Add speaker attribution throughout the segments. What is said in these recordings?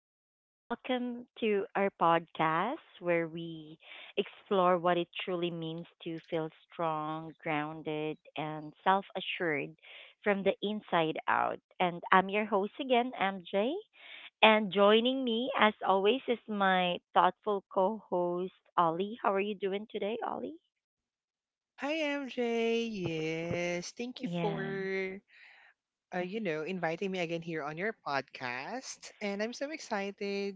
Speaker 1: and welcome to our podcast where we explore what it truly means to feel strong, grounded, and self assured from the inside out. And I'm your host again, MJ. And joining me, as always, is my thoughtful co host, Ollie. How are you doing today, Ollie?
Speaker 2: Hi MJ. Yes, thank you
Speaker 1: Yeah.
Speaker 2: for inviting me again here on your podcast, and I'm so excited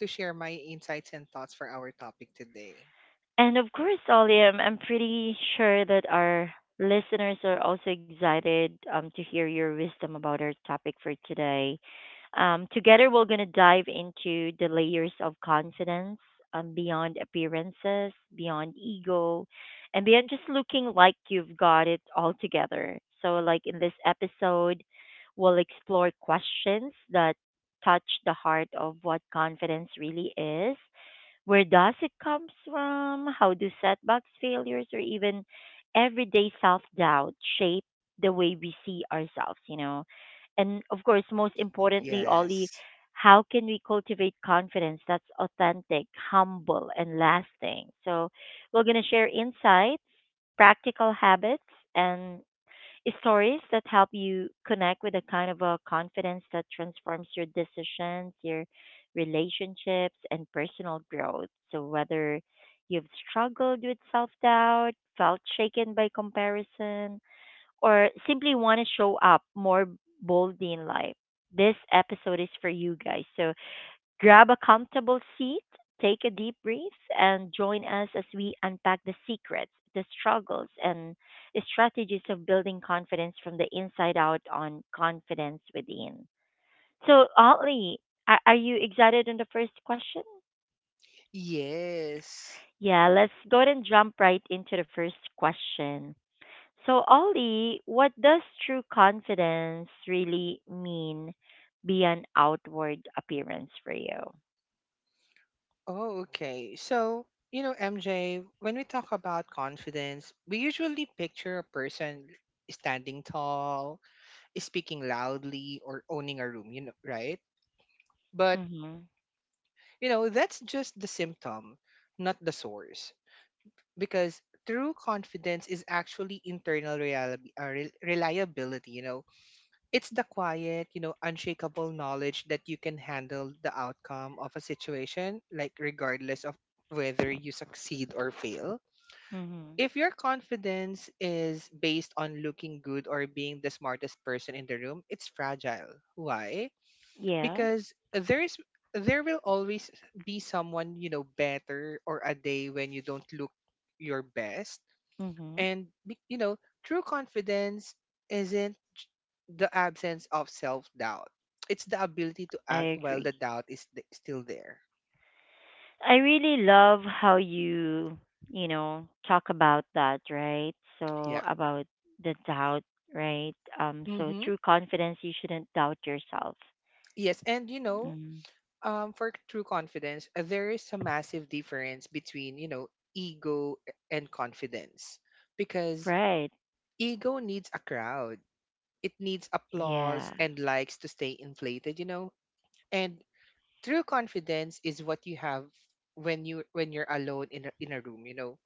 Speaker 2: to share my insights and thoughts for our topic today.
Speaker 1: And of course, Oliam, I'm pretty sure that our listeners are also excited to hear your wisdom about our topic for today. Together, we're going to dive into the layers of confidence beyond appearances, beyond ego, and beyond just looking like you've got it all together. So, like in this episode, we'll explore questions that touch the heart of what confidence really is. Where does it come from? How do setbacks, failures, or even everyday self doubt shape the way we see ourselves? And of course, most importantly, Ollie,
Speaker 2: Yes.
Speaker 1: how can we cultivate confidence that's authentic, humble, and lasting? So, we're going to share insights, practical habits, and stories that help you connect with a kind of a confidence that transforms your decisions, your relationships, and personal growth. So, whether you've struggled with self doubt, felt shaken by comparison, or simply want to show up more boldly in life, this episode is for you guys. So, grab a comfortable seat, take a deep breath, and join us as we unpack the secrets, the struggles, and strategies of building confidence from the inside out on confidence within. So, Ollie, are you excited on the first question?
Speaker 2: Yes.
Speaker 1: Yeah, let's go ahead and jump right into the first question. So, Ollie, what does true confidence really mean beyond outward appearance for you?
Speaker 2: Oh, okay. So, you know, MJ, when we talk about confidence, we usually picture a person standing tall, speaking loudly, or owning a room, you know, right? But
Speaker 1: Mm-hmm.
Speaker 2: That's just the symptom, not the source. Because true confidence is actually internal reliability, you know. It's the quiet, you know, unshakable knowledge that you can handle the outcome of a situation, like regardless of whether you succeed or fail.
Speaker 1: Mm-hmm.
Speaker 2: If your confidence is based on looking good or being the smartest person in the room, it's fragile. Why?
Speaker 1: Yeah.
Speaker 2: Because there will always be someone, you know, better, or a day when you don't look your best,
Speaker 1: Mhm.
Speaker 2: and you know, true confidence isn't the absence of self-doubt. It's the ability to act
Speaker 1: I
Speaker 2: while
Speaker 1: agree.
Speaker 2: the doubt is still there.
Speaker 1: I really love how you talk about that, right? So
Speaker 2: Yeah.
Speaker 1: about the doubt, right? So
Speaker 2: Mm-hmm.
Speaker 1: true confidence you shouldn't doubt yourself.
Speaker 2: Yes, and you know,
Speaker 1: Mm.
Speaker 2: for true confidence there is a massive difference between, you know, ego and confidence, because
Speaker 1: Right.
Speaker 2: ego needs a crowd. It needs applause
Speaker 1: Yeah.
Speaker 2: and likes to stay inflated, you know? And true confidence is what you have when you're alone in a room, you know.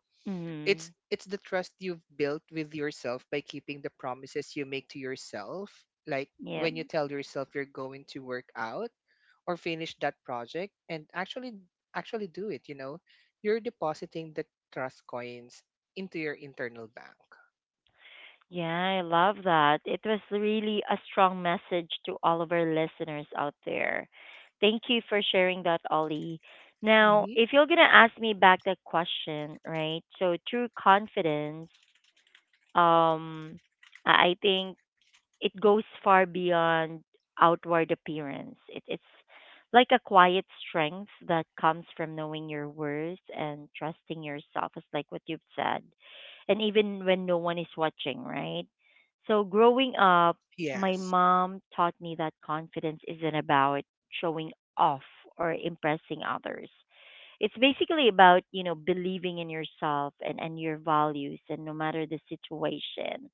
Speaker 2: It's
Speaker 1: Mhm.
Speaker 2: it's the trust you've built with yourself by keeping the promises you make to yourself, like
Speaker 1: Yeah.
Speaker 2: when you tell yourself you're going to work out or finish that project and actually do it, you know. You're depositing the trust coins into your internal bank.
Speaker 1: Yeah, I love that. It was really a strong message to all of our listeners out there. Thank you for sharing that, Ollie. Now,
Speaker 2: Hmm.
Speaker 1: if you're gonna ask me back that question, right? So true confidence, um I think it goes far beyond outward appearance. It's like a quiet strength that comes from knowing your worth and trusting yourself, is like what you've said. And even when no one is watching, right? So, growing up, my
Speaker 2: Yes.
Speaker 1: mom taught me that confidence isn't about showing off or impressing others. It's basically about, you know, believing in yourself and your values and no matter the situation,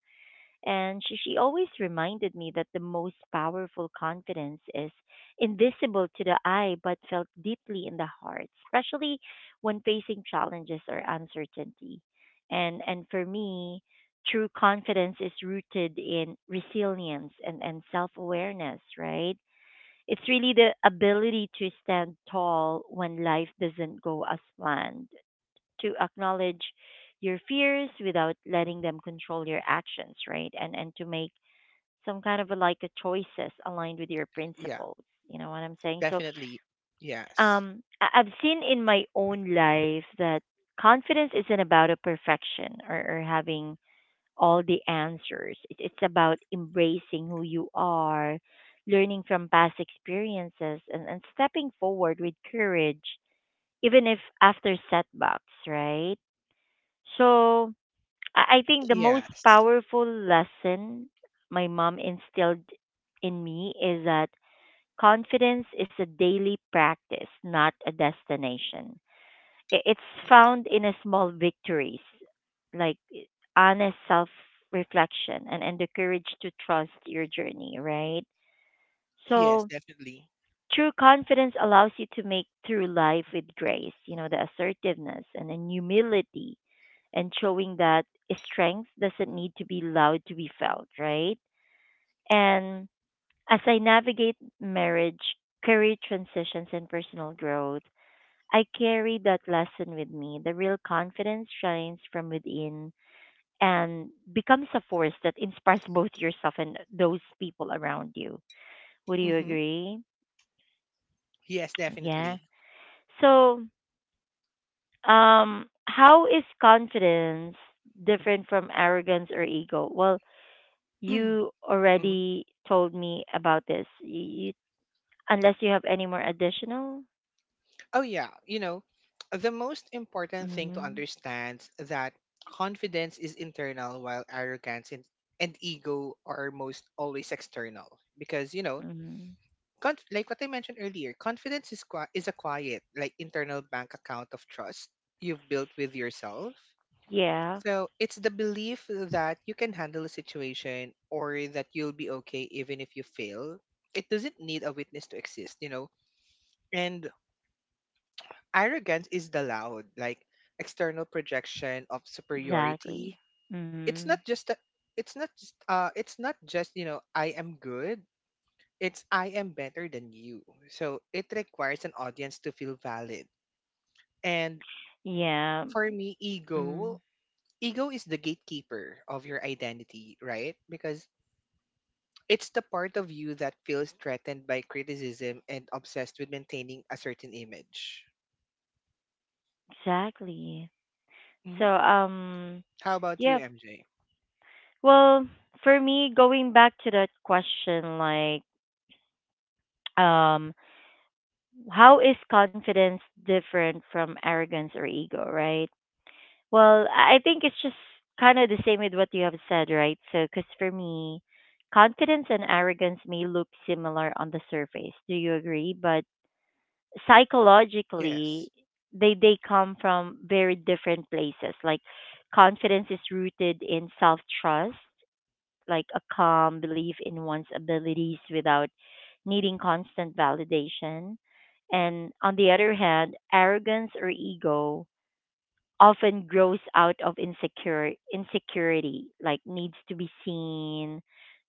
Speaker 1: and she always reminded me that the most powerful confidence is invisible to the eye but felt deeply in the heart, especially when facing challenges or uncertainty. And for me, true confidence is rooted in resilience and self awareness, right? It's really the ability to stand tall when life doesn't go as planned, to acknowledge your fears without letting them control your actions, right? And to make some kind of a, like a choices aligned with your
Speaker 2: Yeah.
Speaker 1: principles. You know what I'm saying? So
Speaker 2: Definitely. Yes.
Speaker 1: I've seen in my own life that confidence isn't about a perfection or having all the answers. It's about embracing who you are, learning from past experiences, and stepping forward with courage, even if after setbacks, right? So I think the most
Speaker 2: Yes.
Speaker 1: powerful lesson my mom instilled in me is that confidence is a daily practice, not a destination. It's found in a small victories, like honest self reflection and the courage to trust your journey, right?
Speaker 2: Yes,
Speaker 1: So,
Speaker 2: definitely.
Speaker 1: true confidence allows you to make through life with grace, you know, the assertiveness and the humility and showing that strength doesn't need to be loud to be felt, right? And as I navigate marriage, career transitions, and personal growth, I carry that lesson with me. The real confidence shines from within and becomes a force that inspires both yourself and those people around you. Would you
Speaker 2: Hmm.
Speaker 1: agree?
Speaker 2: Yes,
Speaker 1: Yeah.
Speaker 2: definitely.
Speaker 1: So, how is confidence different from arrogance or ego? Well, you
Speaker 2: Mhm.
Speaker 1: already told me about this. You, unless you have any more additional.
Speaker 2: Oh, yeah. You know, the most important thing to
Speaker 1: Mm-hmm.
Speaker 2: understand is that confidence is internal, while arrogance and ego are most always external. Because, you know,
Speaker 1: Mm-hmm.
Speaker 2: like what I mentioned earlier, confidence is, is a quiet, like, internal bank account of trust you've built with yourself.
Speaker 1: Yeah,
Speaker 2: So it's the belief that you can handle a situation or that you'll be okay even if you fail. It doesn't need a witness to exist, you know? And arrogance is the loud, like, external projection of
Speaker 1: exactly.
Speaker 2: superiority. It's
Speaker 1: Mm-hmm.
Speaker 2: not just a, it's not just, You know, I am good. It's I am better than you. So it requires an audience to feel valid. And
Speaker 1: Yeah.
Speaker 2: for me,
Speaker 1: Mm,
Speaker 2: ego is the gatekeeper of your identity, right? Because it's the part of you that feels threatened by criticism and obsessed with maintaining a certain image.
Speaker 1: exactly. So,
Speaker 2: Hmm. How about you,
Speaker 1: yeah.
Speaker 2: MJ?
Speaker 1: Well, for me, going back to that question, like, um, how is confidence different from arrogance or ego, right? Well, I think it's just kind of the same with what you have said, right? So, because for me, confidence and arrogance may look similar on the surface. Do you agree? But
Speaker 2: Yes.
Speaker 1: psychologically, they come from very different places. Like confidence is rooted in self trust, like a calm belief in one's abilities without needing constant validation. And on the other hand, arrogance or ego often grows out of insecure insecurity, like needs to be seen,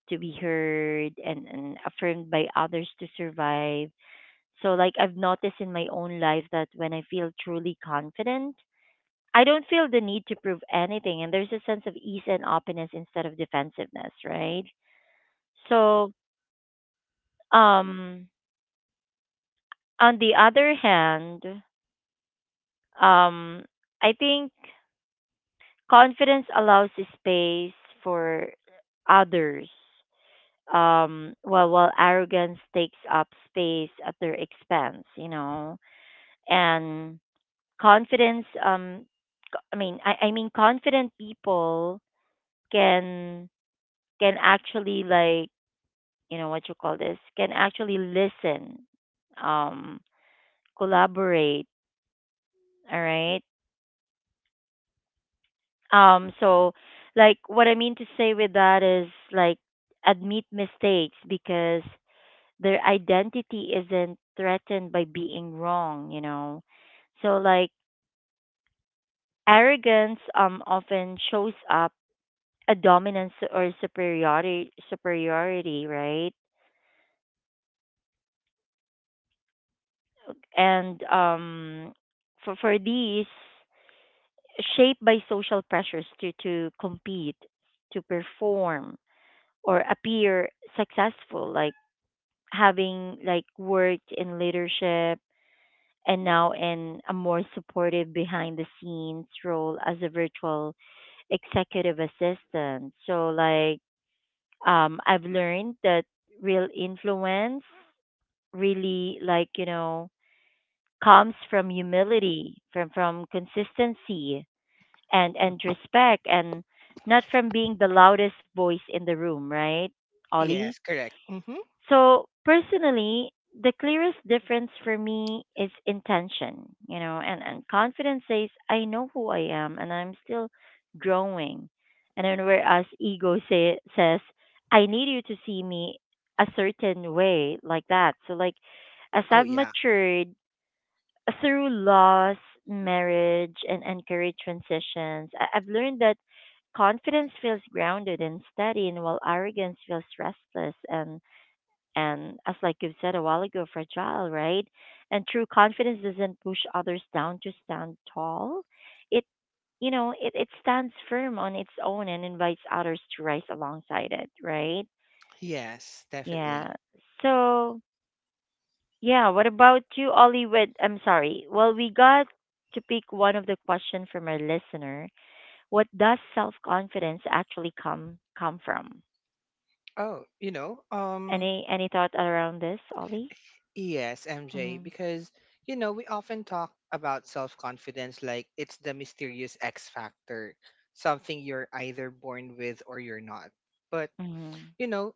Speaker 1: to be heard, and affirmed by others to survive. So like I've noticed in my own life that when I feel truly confident, I don't feel the need to prove anything, and there's a sense of ease and openness instead of defensiveness, right? So um on the other hand, um I think confidence allows space for others, while arrogance takes up space at their expense. You know, and confidence. Confident people can actually like, you know what you call this, can actually listen, um, collaborate. All right. So like what I mean to say with that is like admit mistakes because their identity isn't threatened by being wrong, you know. So like arrogance often shows up a dominance or superiority, right? And for these shaped by social pressures to compete, to perform or appear successful, like, having like worked in leadership and now in a more supportive behind the scenes role as a virtual executive assistant. So like I've learned that real influence really, like, you know, comes from humility, from consistency and respect and not from being the loudest voice in the room, right? Ollie?
Speaker 2: Yes, correct. Hmm.
Speaker 1: So personally, the clearest difference for me is intention, you know, and confidence says I know who I am and I'm still growing. And then whereas ego says I need you to see me a certain way like that. So like as
Speaker 2: Oh,
Speaker 1: I've
Speaker 2: yeah.
Speaker 1: matured through loss, marriage and career transitions, I've learned that confidence feels grounded and steady, and while arrogance feels restless and, as like you've said a while ago, fragile, right? And true confidence doesn't push others down to stand tall. It, you know, it stands firm on its own and invites others to rise alongside it, right?
Speaker 2: Yes,
Speaker 1: Yeah.
Speaker 2: definitely.
Speaker 1: So yeah, what about you, Ollie? With I'm sorry. Well, we got to pick one of the question from our listener. What does self confidence actually come from?
Speaker 2: Oh, you know,
Speaker 1: Any thought around this, Ollie?
Speaker 2: yes, MJ,
Speaker 1: Mm-hmm.
Speaker 2: because, you know, we often talk about self confidence like it's the mysterious X factor, something you're either born with or you're not. But,
Speaker 1: Mm-hmm.
Speaker 2: you know,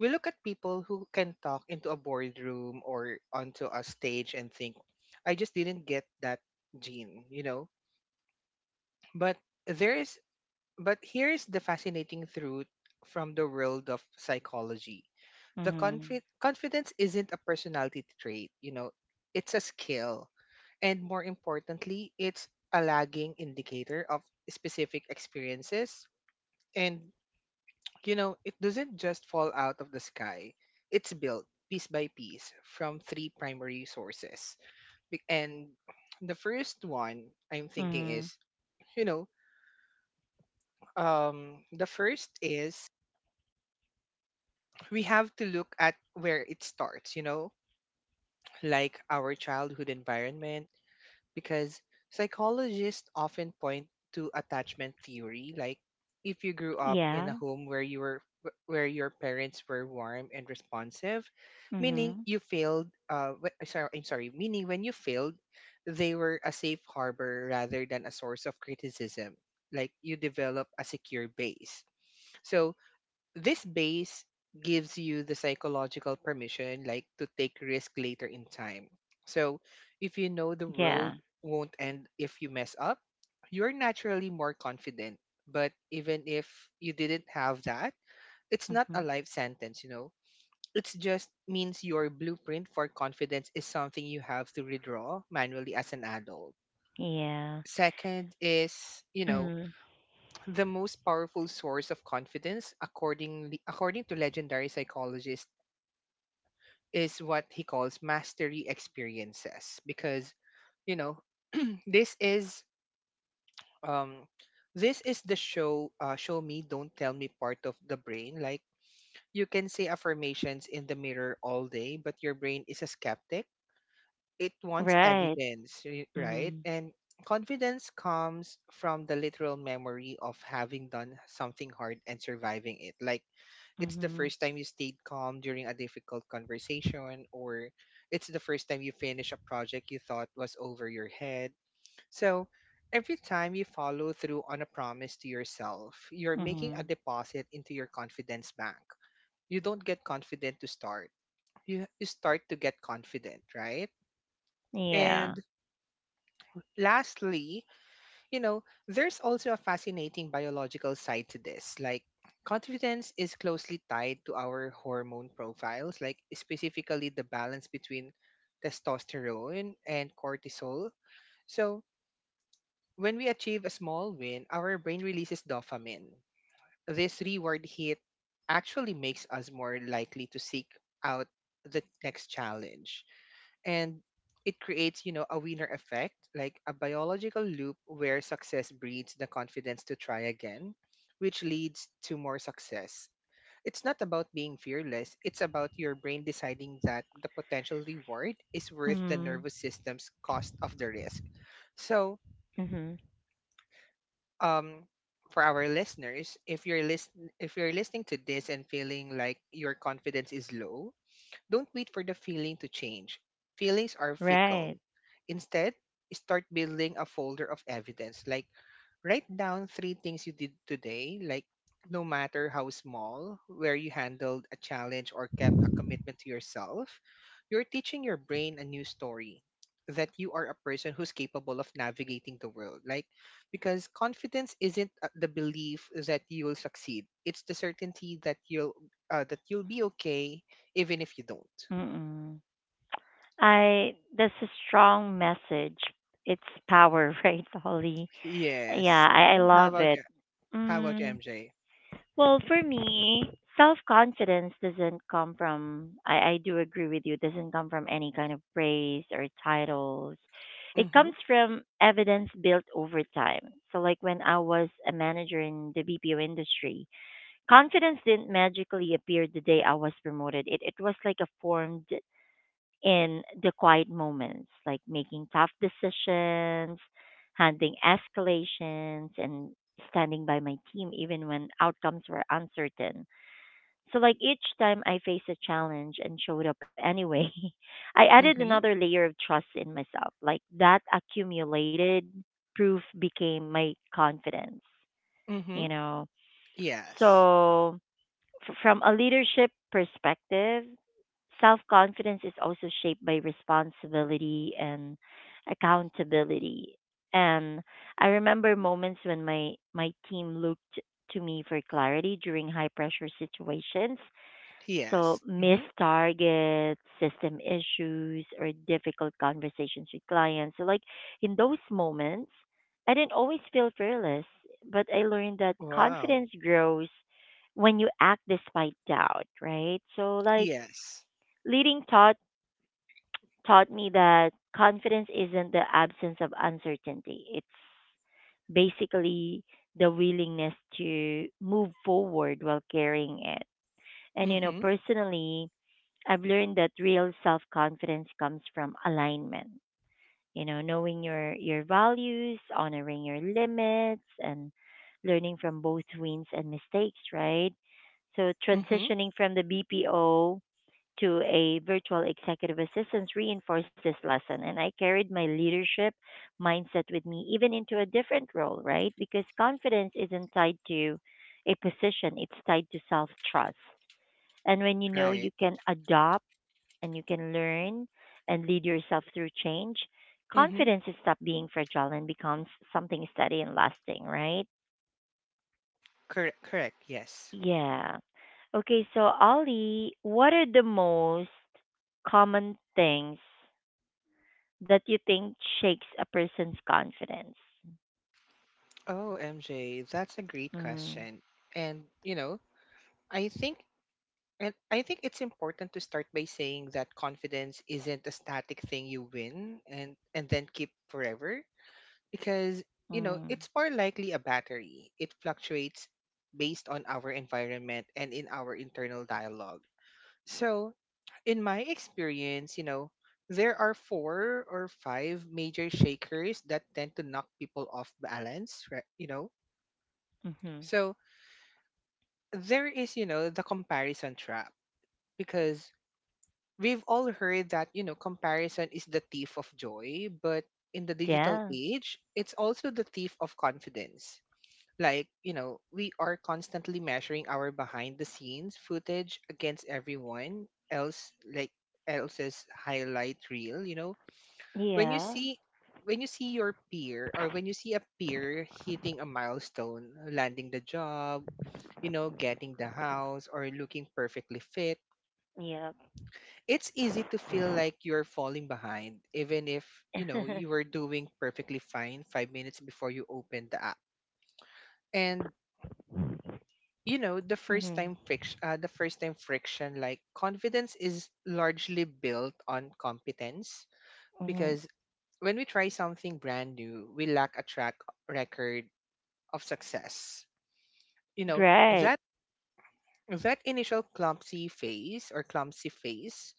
Speaker 2: we look at people who can talk into a boardroom or onto a stage and think, I just didn't get that gene, you know? But there is, but here's the fascinating truth from the world of psychology.
Speaker 1: Mm-hmm.
Speaker 2: Confidence isn't a personality trait, you know, it's a skill. And more importantly, it's a lagging indicator of specific experiences, and you know, it doesn't just fall out of the sky. It's built piece by piece from three primary sources. Be- And the first one I'm thinking
Speaker 1: Mm.
Speaker 2: is, you know, the first is We have to look at where it starts, you know, like our childhood environment, because psychologists often point to attachment theory. Like, if you grew up in a
Speaker 1: Yeah.
Speaker 2: home where your parents were warm and responsive, meaning
Speaker 1: Mhm.
Speaker 2: you failed wh- sorry, I'm sorry meaning when you failed, they were a safe harbor rather than a source of criticism, like you develop a secure base. So this base gives you the psychological permission, like, to take risk later in time. So if you know the world
Speaker 1: Yeah.
Speaker 2: won't end if you mess up, you're naturally more confident. But even if you didn't have that, it's not a
Speaker 1: Mhm.
Speaker 2: life sentence, you know. It just means your blueprint for confidence is something you have to redraw manually as an adult.
Speaker 1: Yeah.
Speaker 2: Second is, you know,
Speaker 1: Mm.
Speaker 2: the most powerful source of confidence, according to legendary psychologist, is what he calls mastery experiences, because you know, this is um this is the show me don't tell me part of the brain. Like, you can say affirmations in the mirror all day but your brain is a skeptic. It wants
Speaker 1: Right.
Speaker 2: evidence, right.
Speaker 1: Mhm.
Speaker 2: And confidence comes from the literal memory of having done something hard and surviving it. Like, it's the
Speaker 1: Mhm.
Speaker 2: first time you stayed calm during a difficult conversation, or it's the first time you finish a project you thought was over your head. So every time you follow through on a promise to yourself, you're making a
Speaker 1: Mhm.
Speaker 2: deposit into your confidence bank. You don't get confident to start. You start to get confident, right?
Speaker 1: Yeah.
Speaker 2: And lastly, you know, there's also a fascinating biological side to this. Like, confidence is closely tied to our hormone profiles, like, specifically the balance between testosterone and cortisol. So, when we achieve a small win, our brain releases dopamine. This reward hit actually makes us more likely to seek out the next challenge, and it creates, you know, a winner effect, like a biological loop where success breeds the confidence to try again, which leads to more success. It's not about being fearless, it's about your brain deciding that the potential reward is worth the
Speaker 1: Mhm.
Speaker 2: nervous system's cost of the risk. So
Speaker 1: Mhm.
Speaker 2: um for our listeners, if you're listening to this and feeling like your confidence is low, don't wait for the feeling to change. Feelings are fickle.
Speaker 1: Right.
Speaker 2: Instead, start building a folder of evidence. Like, write down three things you did today, like, no matter how small, where you handled a challenge or kept a commitment to yourself. You're teaching your brain a new story, that you are a person who's capable of navigating the world. Like, because confidence isn't the belief that you will succeed; it's the certainty that you'll be okay even if you don't.
Speaker 1: Mm. I that's a strong message. It's power, right, Holly?
Speaker 2: Yes.
Speaker 1: Yeah, I
Speaker 2: Mhm. How
Speaker 1: love
Speaker 2: about
Speaker 1: it.
Speaker 2: you? How about you,
Speaker 1: Mm.
Speaker 2: MJ?
Speaker 1: Well, for me, self confidence doesn't come from, I do agree with you, doesn't come from any kind of praise or titles. It
Speaker 2: Mm-hmm.
Speaker 1: comes from evidence built over time. So, like when I was a manager in the BPO industry, confidence didn't magically appear the day I was promoted. It was like a formed in the quiet moments, like making tough decisions, handling escalations, and standing by my team even when outcomes were uncertain. So, like each time I faced a challenge and showed up anyway, I added
Speaker 2: Mm-hmm.
Speaker 1: another layer of trust in myself. Like that accumulated proof became my confidence,
Speaker 2: Mm-hmm.
Speaker 1: you know?
Speaker 2: Yes.
Speaker 1: So, f- from a leadership perspective, self confidence is also shaped by responsibility and accountability. And I remember moments when my team looked to me for clarity during high pressure situations. So,
Speaker 2: Yes. Mm-hmm.
Speaker 1: missed targets, system issues, or difficult conversations with clients. So, like in those moments, I didn't always feel fearless, but I learned that
Speaker 2: Wow.
Speaker 1: confidence grows when you act despite doubt, right? So, like,
Speaker 2: Yes.
Speaker 1: leading thought taught me that confidence isn't the absence of uncertainty. It's basically the willingness to move forward while carrying it. And you know,
Speaker 2: Mm-hmm.
Speaker 1: personally, I've learned that real self-confidence comes from alignment. You know, knowing your values, honoring your limits and learning from both wins and mistakes, right? So
Speaker 2: Mm-hmm.
Speaker 1: transitioning from the BPO to a virtual executive assistant reinforced this lesson. And I carried my leadership mindset with me even into a different role, right? Because confidence isn't tied to a position, it's tied to self trust. And when you know
Speaker 2: Right.
Speaker 1: you can adopt and you can learn and lead yourself through change,
Speaker 2: Mm-hmm.
Speaker 1: confidence is stop being fragile and becomes something steady and lasting, right?
Speaker 2: Correct. Correct. Yes.
Speaker 1: Yeah. Okay, so Ali, what are the most common things that you think shakes a person's confidence?
Speaker 2: Oh, MJ, that's a great
Speaker 1: Mm,
Speaker 2: question. And you know, I think, and I think it's important to start by saying that confidence isn't a static thing you win and then keep forever. Because you know,
Speaker 1: mm,
Speaker 2: it's more likely a battery. It fluctuates based on our environment and in our internal dialogue. So in my experience, you know, there are four or five major shakers that tend to knock people off balance, right? You know,
Speaker 1: mm-hmm.
Speaker 2: so there is, you know, the comparison trap, because we've all heard that, you know, comparison is the thief of joy, but in the digital
Speaker 1: Yeah.
Speaker 2: age it's also the thief of confidence. Like, you know, we are constantly measuring our behind the scenes footage against everyone else like else's highlight reel, you know. When you
Speaker 1: Yeah.
Speaker 2: see when you see your peer, or when you see a peer hitting a milestone, landing the job, you know, getting the house or looking perfectly fit,
Speaker 1: Yep.
Speaker 2: it's easy to feel like you're falling behind, even if, you know, you were doing perfectly fine 5 minutes before you opened the app. And you know,
Speaker 1: mm-hmm.
Speaker 2: the first time friction, like, confidence is largely built on competence,
Speaker 1: Mm-hmm.
Speaker 2: because when we try something brand new we lack a track record of success, you know.
Speaker 1: Right.
Speaker 2: That that initial clumsy phase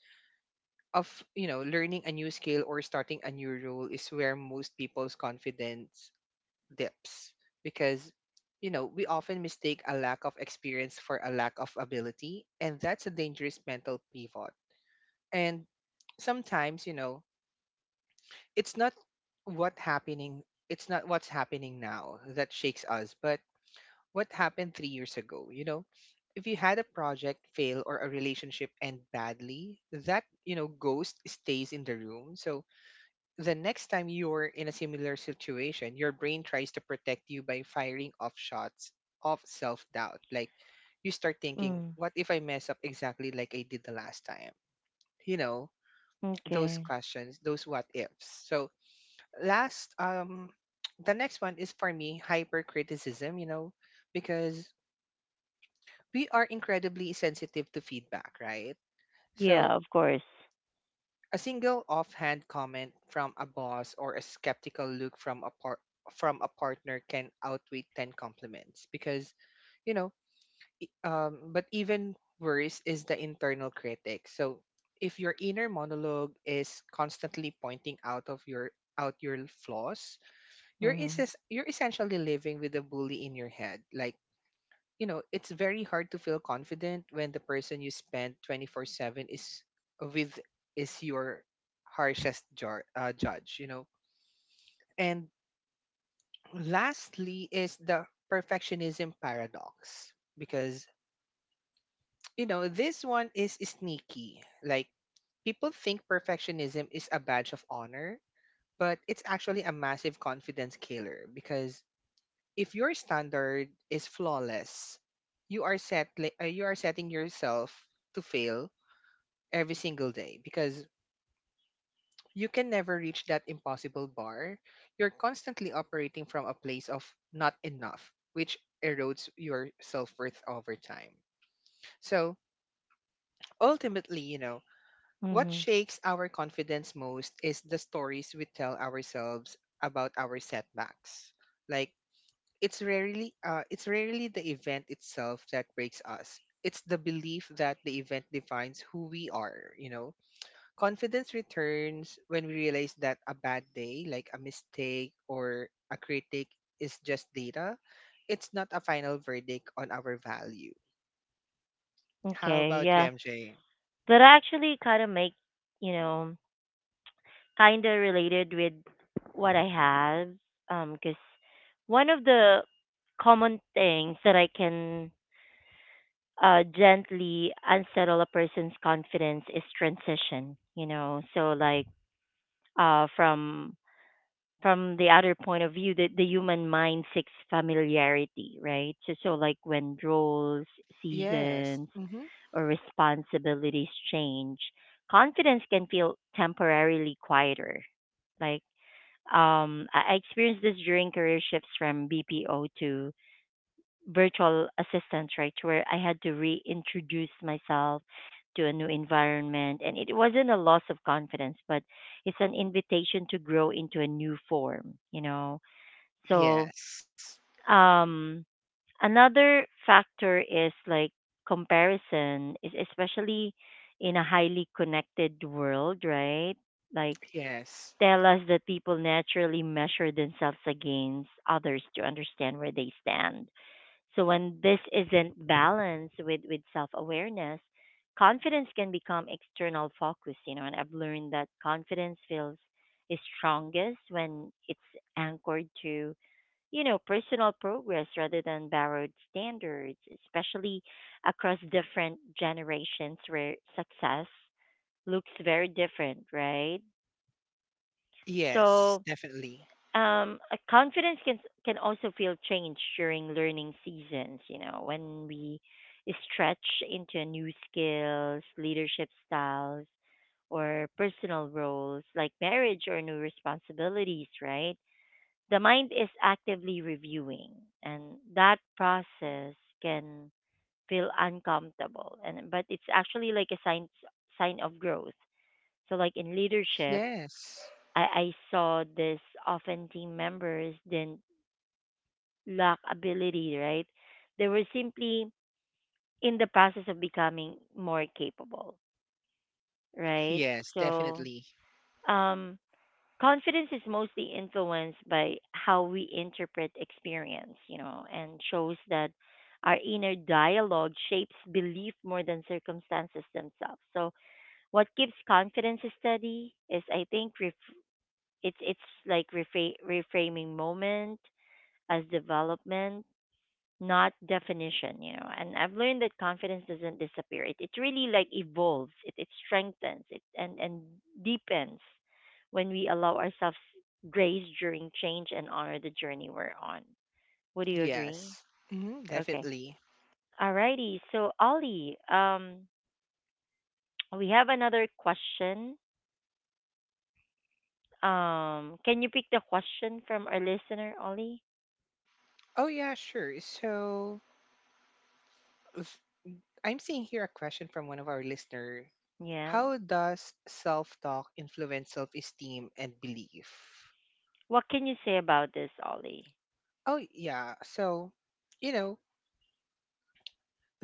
Speaker 2: of, you know, learning a new skill or starting a new role is where most people's confidence dips, because you know, we often mistake a lack of experience for a lack of ability, and that's a dangerous mental pivot. And sometimes, you know, it's not what happening it's not what's happening now that shakes us, but what happened 3 years ago. You know, if you had a project fail or a relationship end badly, that, you know, ghost stays in the room. So the next time you're in a similar situation, your brain tries to protect you by firing off shots of self doubt. Like, you start thinking,
Speaker 1: Mm.
Speaker 2: what if I mess up exactly like I did the last time? You know, those
Speaker 1: Okay.
Speaker 2: questions, those what ifs. So, last, um, the next one is for me hypercriticism, you know, because we are incredibly sensitive to feedback, right?
Speaker 1: Yeah,
Speaker 2: So,
Speaker 1: of course.
Speaker 2: a single offhand comment from a boss or a skeptical look from from a partner can outweigh 10 compliments, because you know, but even worse is the internal critic. So if your inner monologue is constantly pointing out your flaws, you're
Speaker 1: Mm-hmm.
Speaker 2: is you're essentially living with a bully in your head. Like it's very hard to feel confident when the person you spend 24/7 is with is your harshest judge, And lastly is the perfectionism paradox because this one is sneaky. People think perfectionism is a badge of honor, but it's actually a massive confidence killer because if your standard is flawless, you are setting yourself to fail every single day because you can never reach that impossible bar. You're constantly operating from a place of not enough, which erodes your self-worth over time. So, ultimately, what
Speaker 1: Mm-hmm.
Speaker 2: shakes our confidence most is the stories we tell ourselves about our setbacks. Like it's rarely the event itself that breaks us. It's the belief that the event defines who we are, confidence returns when we realize that a bad day, like a mistake or a critic, is just data. It's not a final verdict on our value. How
Speaker 1: Okay.
Speaker 2: about you,
Speaker 1: Yeah.
Speaker 2: MJ?
Speaker 1: That actually kind of make, you know, kind of related with what I have. Because one of the common things that I can gently unsettle a person's confidence is transition. You know, so uh, from from the other point of view, the human mind seeks familiarity, right? So like when roles,
Speaker 2: Yes.
Speaker 1: seasons,
Speaker 2: Mm-hmm.
Speaker 1: or responsibilities change, confidence can feel temporarily quieter. Like I experienced this during career shifts from BPO to virtual assistant, right, where I had to reintroduce myself to a new environment. And it wasn't a loss of confidence, but it's an invitation to grow into a new form, you know. So,
Speaker 2: Yes.
Speaker 1: um, another factor is like comparison, is especially in a highly connected world, right? Like,
Speaker 2: Yes.
Speaker 1: tell us that people naturally measure themselves against others to understand where they stand, so when this isn't balanced with self awareness, confidence can become external focus, you know. And I've learned that confidence feels is strongest when it's anchored to, you know, personal progress rather than borrowed standards, especially across different generations where success looks very different, right?
Speaker 2: Yes,
Speaker 1: So,
Speaker 2: definitely.
Speaker 1: a confidence can also feel changed during learning seasons, you know, when we stretch into new skills, leadership styles, or personal roles like marriage or new responsibilities, right? The mind is actively reviewing, and that process can feel uncomfortable, and but it's actually like a sign of growth. So like in leadership,
Speaker 2: Yes.
Speaker 1: I saw this. Often team members didn't lack ability, right? They were simply in the process of becoming more capable, right?
Speaker 2: Yes,
Speaker 1: So,
Speaker 2: definitely.
Speaker 1: um, confidence is mostly influenced by how we interpret experience, you know, and shows that our inner dialogue shapes belief more than circumstances themselves. So, what keeps confidence steady is, I think, it's it's reframing moment as development, not definition, you know. And I've learned that confidence doesn't disappear. It really like evolves. It strengthens. It and deepens when we allow ourselves grace during change and honor the journey we're on. Would you agree?
Speaker 2: Yes. Mm-hmm.
Speaker 1: Okay.
Speaker 2: Definitely.
Speaker 1: Alrighty. So Ollie, we have another question. Can you pick the question from our listener, Ollie?
Speaker 2: Oh yeah, sure. So, f- I'm seeing here a question from one of our listener.
Speaker 1: Yeah.
Speaker 2: How does self-talk influence self-esteem and belief?
Speaker 1: What can you say about this, Ollie?
Speaker 2: Oh yeah. So, you know,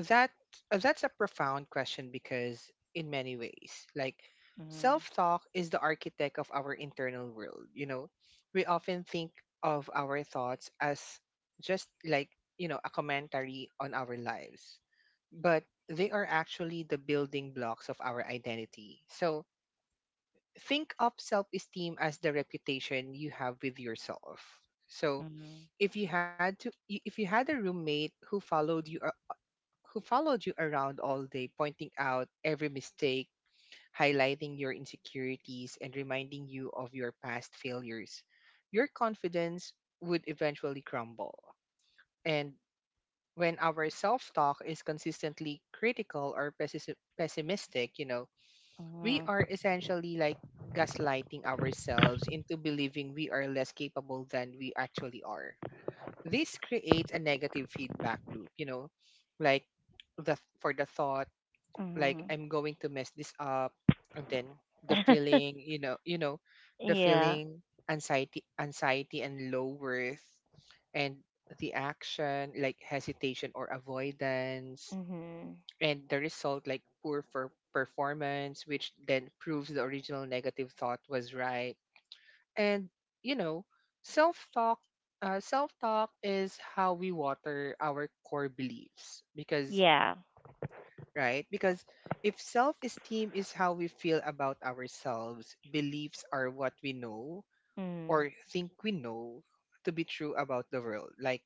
Speaker 2: That that's a profound question because in many ways,
Speaker 1: Mm-hmm.
Speaker 2: self-talk is the architect of our internal world, We often think of our thoughts as just a commentary on our lives, but they are actually the building blocks of our identity. So, think of self-esteem as the reputation you have with yourself. So,
Speaker 1: Mm-hmm.
Speaker 2: if you had a roommate who followed you around all day, pointing out every mistake, highlighting your insecurities, and reminding you of your past failures, your confidence would eventually crumble. And when our self talk is consistently critical or pessimistic, we are
Speaker 1: Mm-hmm.
Speaker 2: essentially gaslighting ourselves into believing we are less capable than we actually are. This creates a negative feedback loop, like the thought like,
Speaker 1: Mm-hmm.
Speaker 2: "I'm going to mess this up," and then the feeling, the
Speaker 1: Yeah.
Speaker 2: feeling, anxiety, anxiety and low worth, and the action, like hesitation or avoidance,
Speaker 1: Mhm.
Speaker 2: and the result, like poor for performance, which then proves the original negative thought was right. And you know, self talk. Self talk is how we water our core beliefs. Because,
Speaker 1: Yeah.
Speaker 2: right? Because if self esteem is how we feel about ourselves, beliefs are what we know
Speaker 1: Mhm.
Speaker 2: or think we know to be true about the world. Like,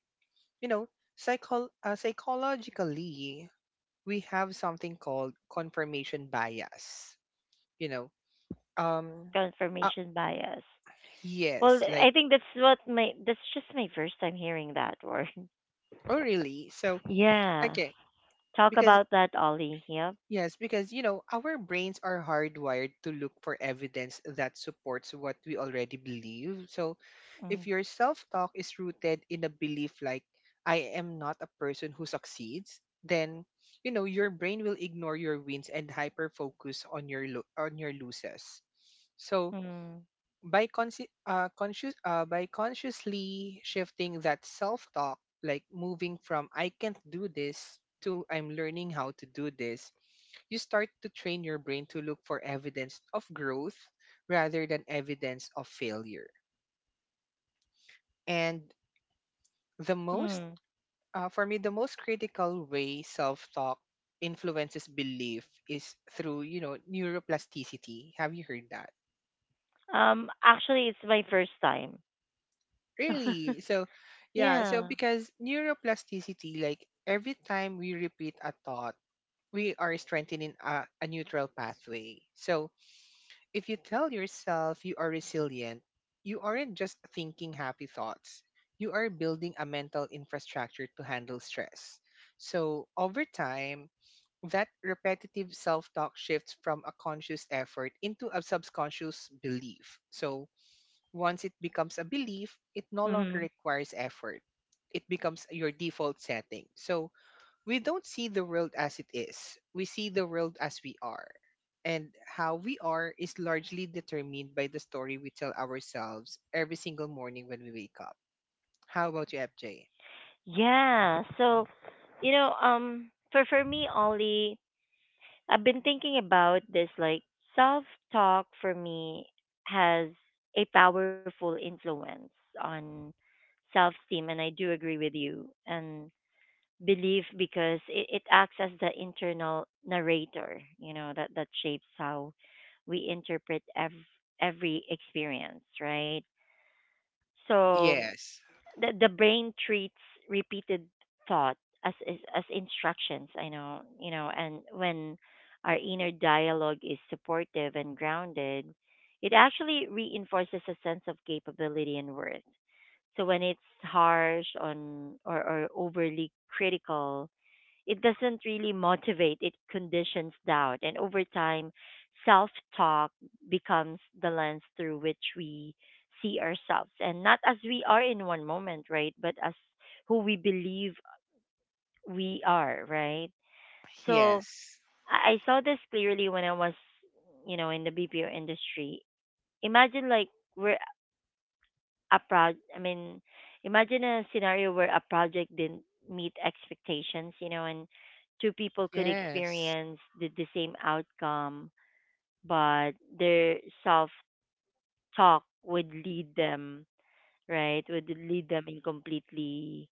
Speaker 2: you know, psychologically, we have something called confirmation bias, you know. Um, uh,
Speaker 1: Confirmation bias. Well,
Speaker 2: yes, like,
Speaker 1: I think that's what my, that's just my first time hearing that word.
Speaker 2: oh, really? So,
Speaker 1: Yeah.
Speaker 2: okay,
Speaker 1: Talk
Speaker 2: because
Speaker 1: about that, Ollie. Yep.
Speaker 2: yes, because our brains are hardwired to look for evidence that supports what we already believe. So if
Speaker 1: Mm.
Speaker 2: your self-talk is rooted in a belief like, "I am not a person who succeeds," then your brain will ignore your wins and hyper focus on your on your losses. So
Speaker 1: Mm.
Speaker 2: by consci- conscious by consciously shifting that self-talk, like moving from "I can't do this" to "I'm learning how to do this," you start to train your brain to look for evidence of growth rather than evidence of failure. And the most.
Speaker 1: Mm.
Speaker 2: For me, the most critical way self-talk influences belief is through, neuroplasticity. Have you heard that?
Speaker 1: Actually it's my first time.
Speaker 2: Really? So, yeah. So
Speaker 1: Yeah.
Speaker 2: because neuroplasticity, like every time we repeat a thought, we are strengthening a neutral pathway. So if you tell yourself you are resilient, you aren't just thinking happy thoughts. You are building a mental infrastructure to handle stress. So over time, that repetitive self talk shifts from a conscious effort into a subconscious belief. So, once it becomes a belief, it no longer
Speaker 1: Mhm.
Speaker 2: requires effort. It becomes your default setting. So, we don't see the world as it is, we see the world as we are. And how we are is largely determined by the story we tell ourselves every single morning when we wake up. How about you, FJ?
Speaker 1: Yeah. So, you know, for me, Ollie, I've been thinking about this like self talk for me has a powerful influence on self esteem, and I do agree with you. And belief, because it acts as the internal narrator, you know, that shapes how we interpret every experience, right? So
Speaker 2: Yes.
Speaker 1: the brain treats repeated thought as instructions, I know you know. And when our inner dialogue is supportive and grounded, it actually reinforces a sense of capability and worth. So when it's harsh or overly critical, it doesn't really motivate, it conditions doubt. And over time, self talk becomes the lens through which we see ourselves. And not as we are in one moment, right? But as who we believe we are, right? So
Speaker 2: Yes.
Speaker 1: I saw this clearly when I was, you know, in the BPO industry. Imagine like we're I mean, imagine a scenario where a project didn't meet expectations, you know, and two people could
Speaker 2: Yes.
Speaker 1: experience the same outcome, but their self talk would lead them, right? Would lead them in completely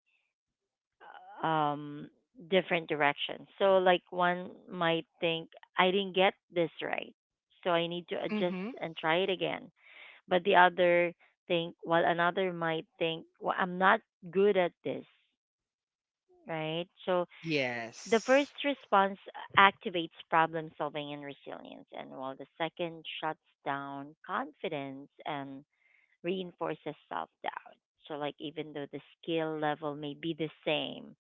Speaker 1: um different directions. So like one might think, I didn't get this right. So I need to adjust
Speaker 2: Mm-hmm.
Speaker 1: and try it again. But the other think while another might think, well, I'm not good at this, right? So the first
Speaker 2: Yes.
Speaker 1: response activates problem solving and resilience, and while the second shuts down confidence and reinforces self doubt. So like even though the skill level may be the same,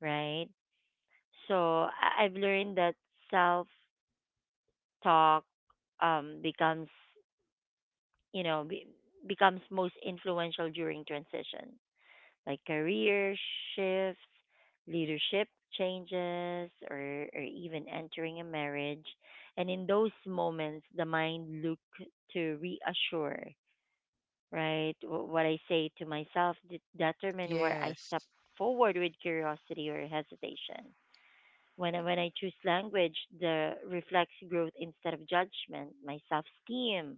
Speaker 1: right? So I've learned that self talk becomes, you know, becomes most influential during transition, like career shifts, leadership changes, or even entering a marriage. And in those moments, the mind look to reassure, right? What I say to myself determine where I step
Speaker 2: Yes.
Speaker 1: forward with curiosity or hesitation. When I choose language, the reflects growth instead of judgment. My self-esteem,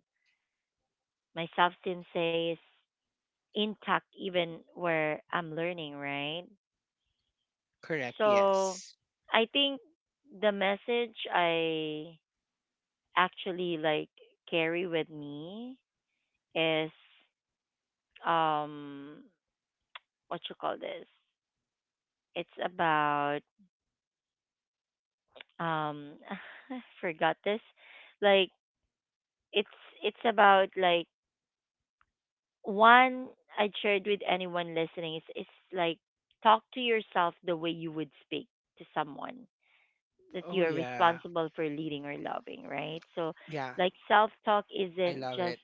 Speaker 1: my self-esteem says intact even where I'm learning, right?
Speaker 2: Correct.
Speaker 1: So
Speaker 2: Yes.
Speaker 1: I think the message I actually like carry with me is um what you call this? It's about um I forgot this. Like it's it's about like one I shared with anyone listening. It's like talk to yourself the way you would speak to someone that you
Speaker 2: Oh,
Speaker 1: are
Speaker 2: yeah.
Speaker 1: responsible for leading or loving, right? So,
Speaker 2: Yeah.
Speaker 1: like self talk
Speaker 2: I
Speaker 1: isn't
Speaker 2: love
Speaker 1: just,
Speaker 2: it.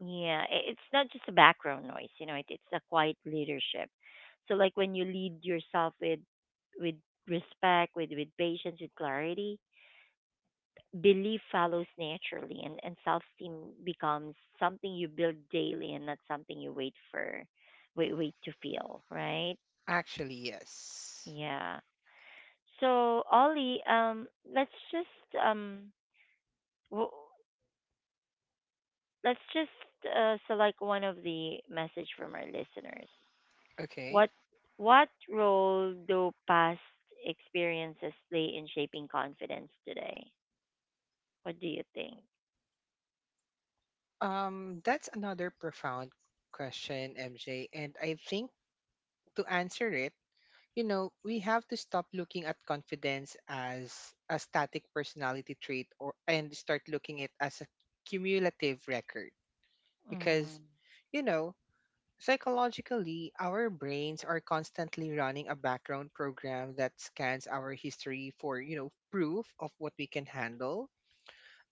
Speaker 1: yeah, it's not just a background noise, you know, it's a quiet leadership. So, like when you lead yourself with with respect, with patience, with clarity, belief follows naturally, and self esteem becomes something you build daily and not something you wait for, wait to feel, right?
Speaker 2: Actually, yes.
Speaker 1: Yeah. So, Ollie, w- let's just select one of the message from our listeners.
Speaker 2: Okay.
Speaker 1: What what role do past experiences play in shaping confidence today? What do you think?
Speaker 2: That's another profound question, MJ. And I think to answer it, we have to stop looking at confidence as a static personality trait or and start looking at as a cumulative record.
Speaker 1: Mm,
Speaker 2: Because, you know, psychologically, our brains are constantly running a background program that scans our history for, proof of what we can handle.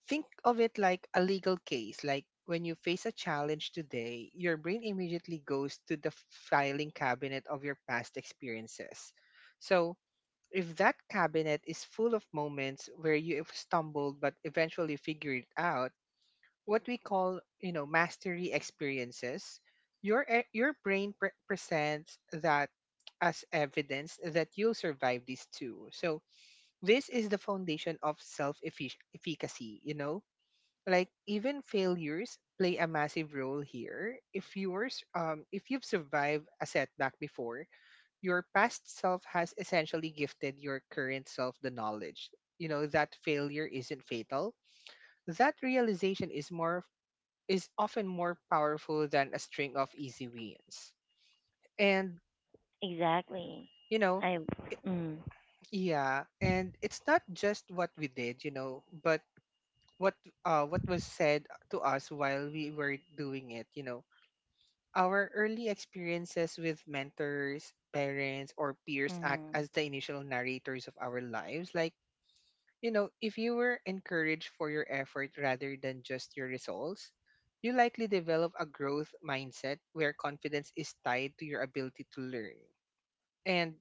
Speaker 2: Think of it like a legal case. Like when you face a challenge today, your brain immediately goes to the filing cabinet of your past experiences. So, if that cabinet is full of moments where you have stumbled but eventually figured it out, what we call mastery experiences, your your brain presents that as evidence that you'll survive these two. So this is the foundation of self efficacy, like even failures play a massive role here. If you've survived a setback before, your past self has essentially gifted your current self the knowledge, that failure isn't fatal. That realization is more is often more powerful than a string of easy wins. And,
Speaker 1: exactly.
Speaker 2: you know,
Speaker 1: I
Speaker 2: i-
Speaker 1: mm,
Speaker 2: yeah, and it's not just what we did, but what what was said to us while we were doing it, Our early experiences with mentors, parents, or peers act
Speaker 1: mm,
Speaker 2: as the initial narrators of our lives. You know, if you were encouraged for your effort rather than just your results, you likely develop a growth mindset where confidence is tied to your ability to learn. And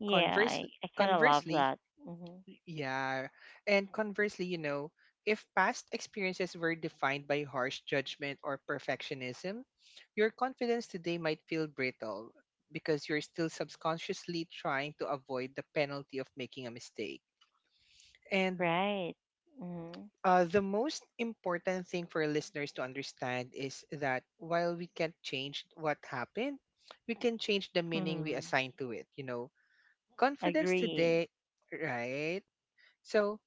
Speaker 1: yeah,
Speaker 2: converse,
Speaker 1: I kind of love
Speaker 2: conversely,
Speaker 1: that. Hmm.
Speaker 2: yeah, and conversely, if past experiences were defined by harsh judgment or perfectionism, your confidence today might feel brittle because you're still subconsciously trying to avoid the penalty of making a mistake. And
Speaker 1: Right. Mm,
Speaker 2: The most important thing for listeners to understand is that while we can't change what happened, we can change the meaning we
Speaker 1: mm,
Speaker 2: assign to it. You know, confidence
Speaker 1: agree.
Speaker 2: today, right? So,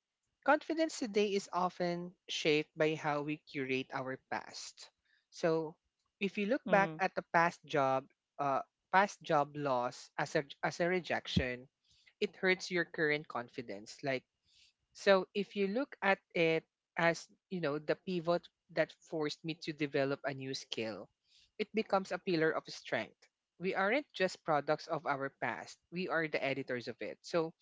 Speaker 2: confidence today is often shaped by how we curate our past. So, if you look back
Speaker 1: Mm,
Speaker 2: at the uh, past job loss as a rejection, it hurts your current confidence. So if you look at it as, the pivot that forced me to develop a new skill, it becomes a pillar of strength. We aren't just products of our past, we are the editors of it. So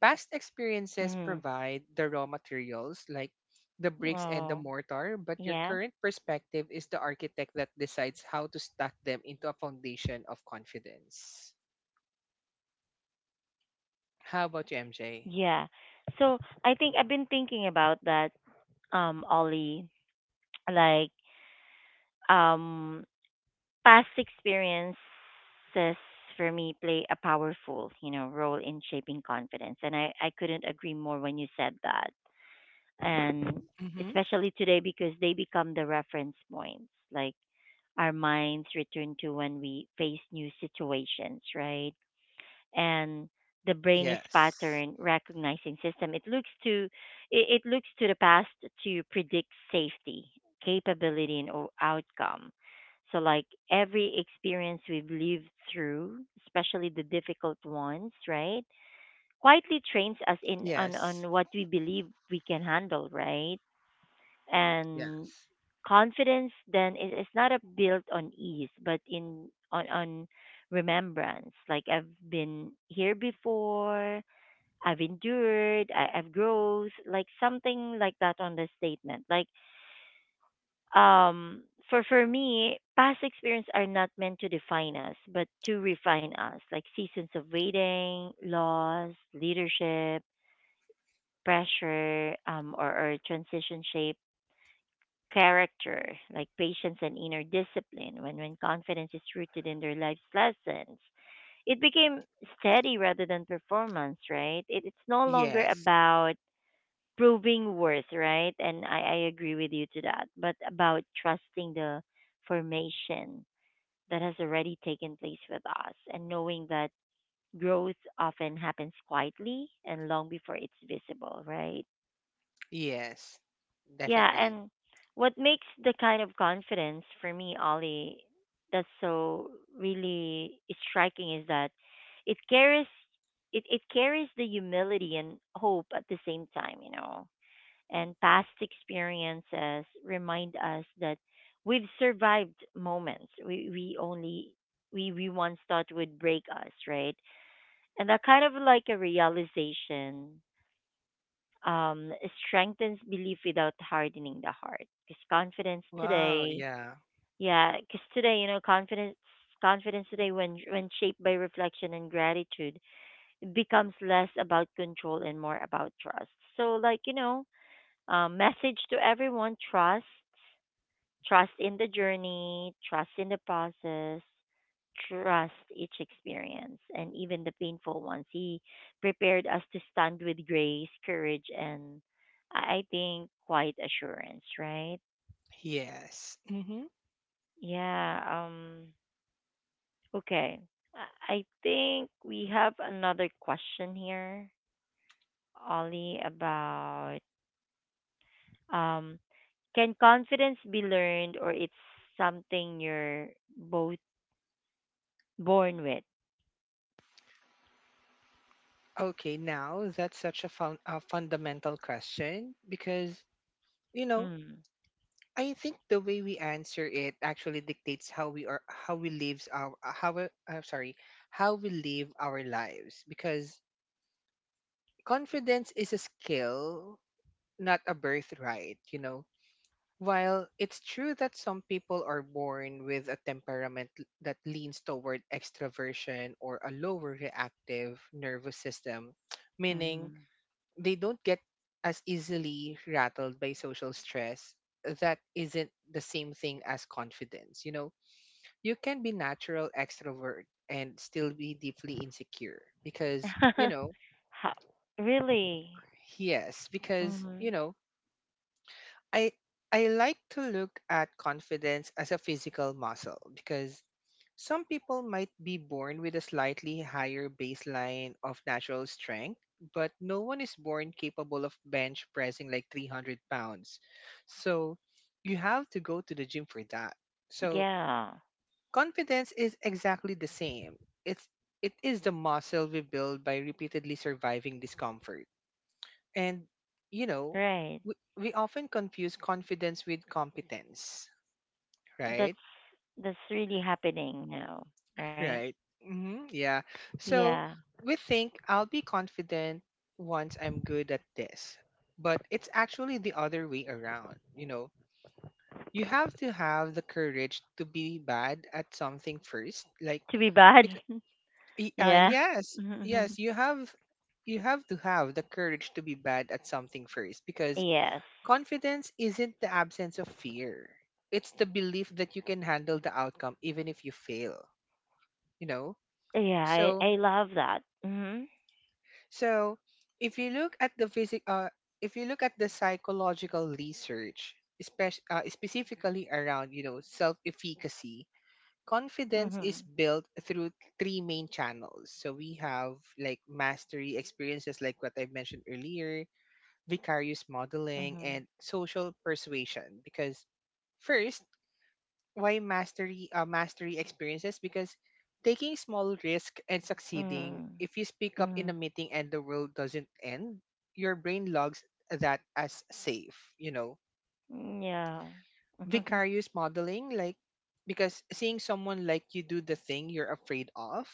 Speaker 2: past experiences
Speaker 1: mm,
Speaker 2: provide the raw materials, like the bricks and the
Speaker 1: oh,
Speaker 2: mortar, but your
Speaker 1: yeah,
Speaker 2: current perspective is the architect that decides how to stack them into a foundation of confidence. How about you, MJ?
Speaker 1: yeah. So I think I've been thinking about that, Ollie, like um, past experiences for me play a powerful, you know, role in shaping confidence, and I couldn't agree more when you said that, and
Speaker 2: Mm-hmm.
Speaker 1: especially today because they become the reference points, like our minds return to when we face new situations, right? And the brain is
Speaker 2: Yes.
Speaker 1: pattern recognizing system. It looks to it looks to the past to predict safety, capability, and outcome. So like every experience we've lived through, especially the difficult ones, right? Quietly trains us in on,
Speaker 2: Yes.
Speaker 1: on what we believe we can handle, right? And
Speaker 2: Yes.
Speaker 1: confidence then is, it's not a built on ease, but in on remembrance, like I've been here before, I've endured, I've grown, like something like that on the statement. Like um for me, past experience are not meant to define us but to refine us, like seasons of waiting, loss, leadership, pressure, or transition shape character, like patience and inner discipline. When confidence is rooted in their life's lessons, it became steady rather than performance, right? It's no longer
Speaker 2: Yes.
Speaker 1: about proving worth, right? And I agree with you to that, but about trusting the formation that has already taken place with us, and knowing that growth often happens quietly and long before it's visible, right?
Speaker 2: Yes,
Speaker 1: Yeah,
Speaker 2: definitely.
Speaker 1: and what makes the kind of confidence for me, Ollie, that's so really striking is that it carries it carries the humility and hope at the same time, you know. And past experiences remind us that we've survived moments we once thought would break us, right? And that kind of like a realization, um, strengthens belief without hardening the heart. Because confidence
Speaker 2: Wow.
Speaker 1: today,
Speaker 2: Yeah.
Speaker 1: yeah, because today, you know, confidence today, when shaped by reflection and gratitude, it becomes less about control and more about trust. So like, you know, message to everyone, trust. Trust in the journey, trust in the process, trust each experience and even the painful ones. He prepared us to stand with grace, courage, and I think quite assurance, right?
Speaker 2: Yes. Mm-hmm.
Speaker 1: Yeah. Okay. I think we have another question here, Ollie, about um, can confidence be learned, or it's something you're both born with?
Speaker 2: Okay. Now that's such a fundamental question because you know
Speaker 1: Hmm.
Speaker 2: I think the way we answer it actually dictates how we are, how we lives our, how we- I'm sorry, how we live our lives because confidence is a skill, not a birthright. You know, while it's true that some people are born with a temperament that leans toward extroversion or a lower reactive nervous system, meaning
Speaker 1: Mm.
Speaker 2: they don't get as easily rattled by social stress, that isn't the same thing as confidence. You know, you can be natural extrovert and still be deeply insecure because,
Speaker 1: How, really?
Speaker 2: yes, because,
Speaker 1: Mm.
Speaker 2: I I like to look at confidence as a physical muscle because some people might be born with a slightly higher baseline of natural strength, but no one is born capable of bench pressing like 300 pounds. So you have to go to the gym for that. So
Speaker 1: Yeah,
Speaker 2: confidence is exactly the same. It's it is the muscle we build by repeatedly surviving discomfort. And, you know,
Speaker 1: right.
Speaker 2: we often confuse confidence with competence,
Speaker 1: That's
Speaker 2: right?
Speaker 1: really happening now, right?
Speaker 2: Right. Hmm, yeah. So
Speaker 1: Yeah.
Speaker 2: we think, "I'll be confident once I'm good at this." But it's actually the other way around. You know, you have to have the courage to be bad at something first. Like,
Speaker 1: To be bad.
Speaker 2: because,
Speaker 1: Yeah.
Speaker 2: yes, yes, you have to have the courage to be bad at something first because
Speaker 1: Yes.
Speaker 2: confidence isn't the absence of fear. It's the belief that you can handle the outcome even if you fail, you know?
Speaker 1: Yeah, I,
Speaker 2: So,
Speaker 1: I love that. Mhm.
Speaker 2: so if you look at the physic if you look at the psychological research, especially specifically around, self-efficacy, confidence is
Speaker 1: Mhm.
Speaker 2: built through three main channels. So we have like mastery experiences like what I mentioned earlier, vicarious modeling, and
Speaker 1: Mhm.
Speaker 2: social persuasion. Because first why mastery mastery experiences? Because taking small risk and succeeding, if you speak up in a
Speaker 1: Mhm.
Speaker 2: meeting and the world doesn't end, your brain logs that as safe.
Speaker 1: Mhm. Yeah. Mhm.
Speaker 2: Vicarious modeling, like, because seeing someone like you do the thing you're afraid of.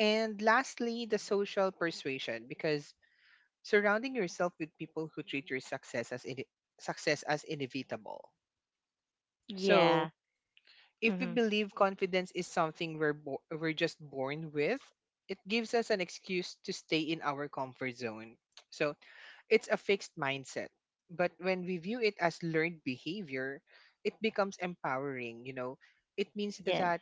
Speaker 2: And lastly, the social persuasion, because surrounding yourself with people who treat your success as success as inevitable.
Speaker 1: Yeah.
Speaker 2: So if we
Speaker 1: Mhm.
Speaker 2: believe confidence is something we're just born with, it gives us an excuse to stay in our comfort zone. So it's a fixed mindset. But when we view it as learned behavior, it becomes empowering, you know. It means
Speaker 1: Yes.
Speaker 2: that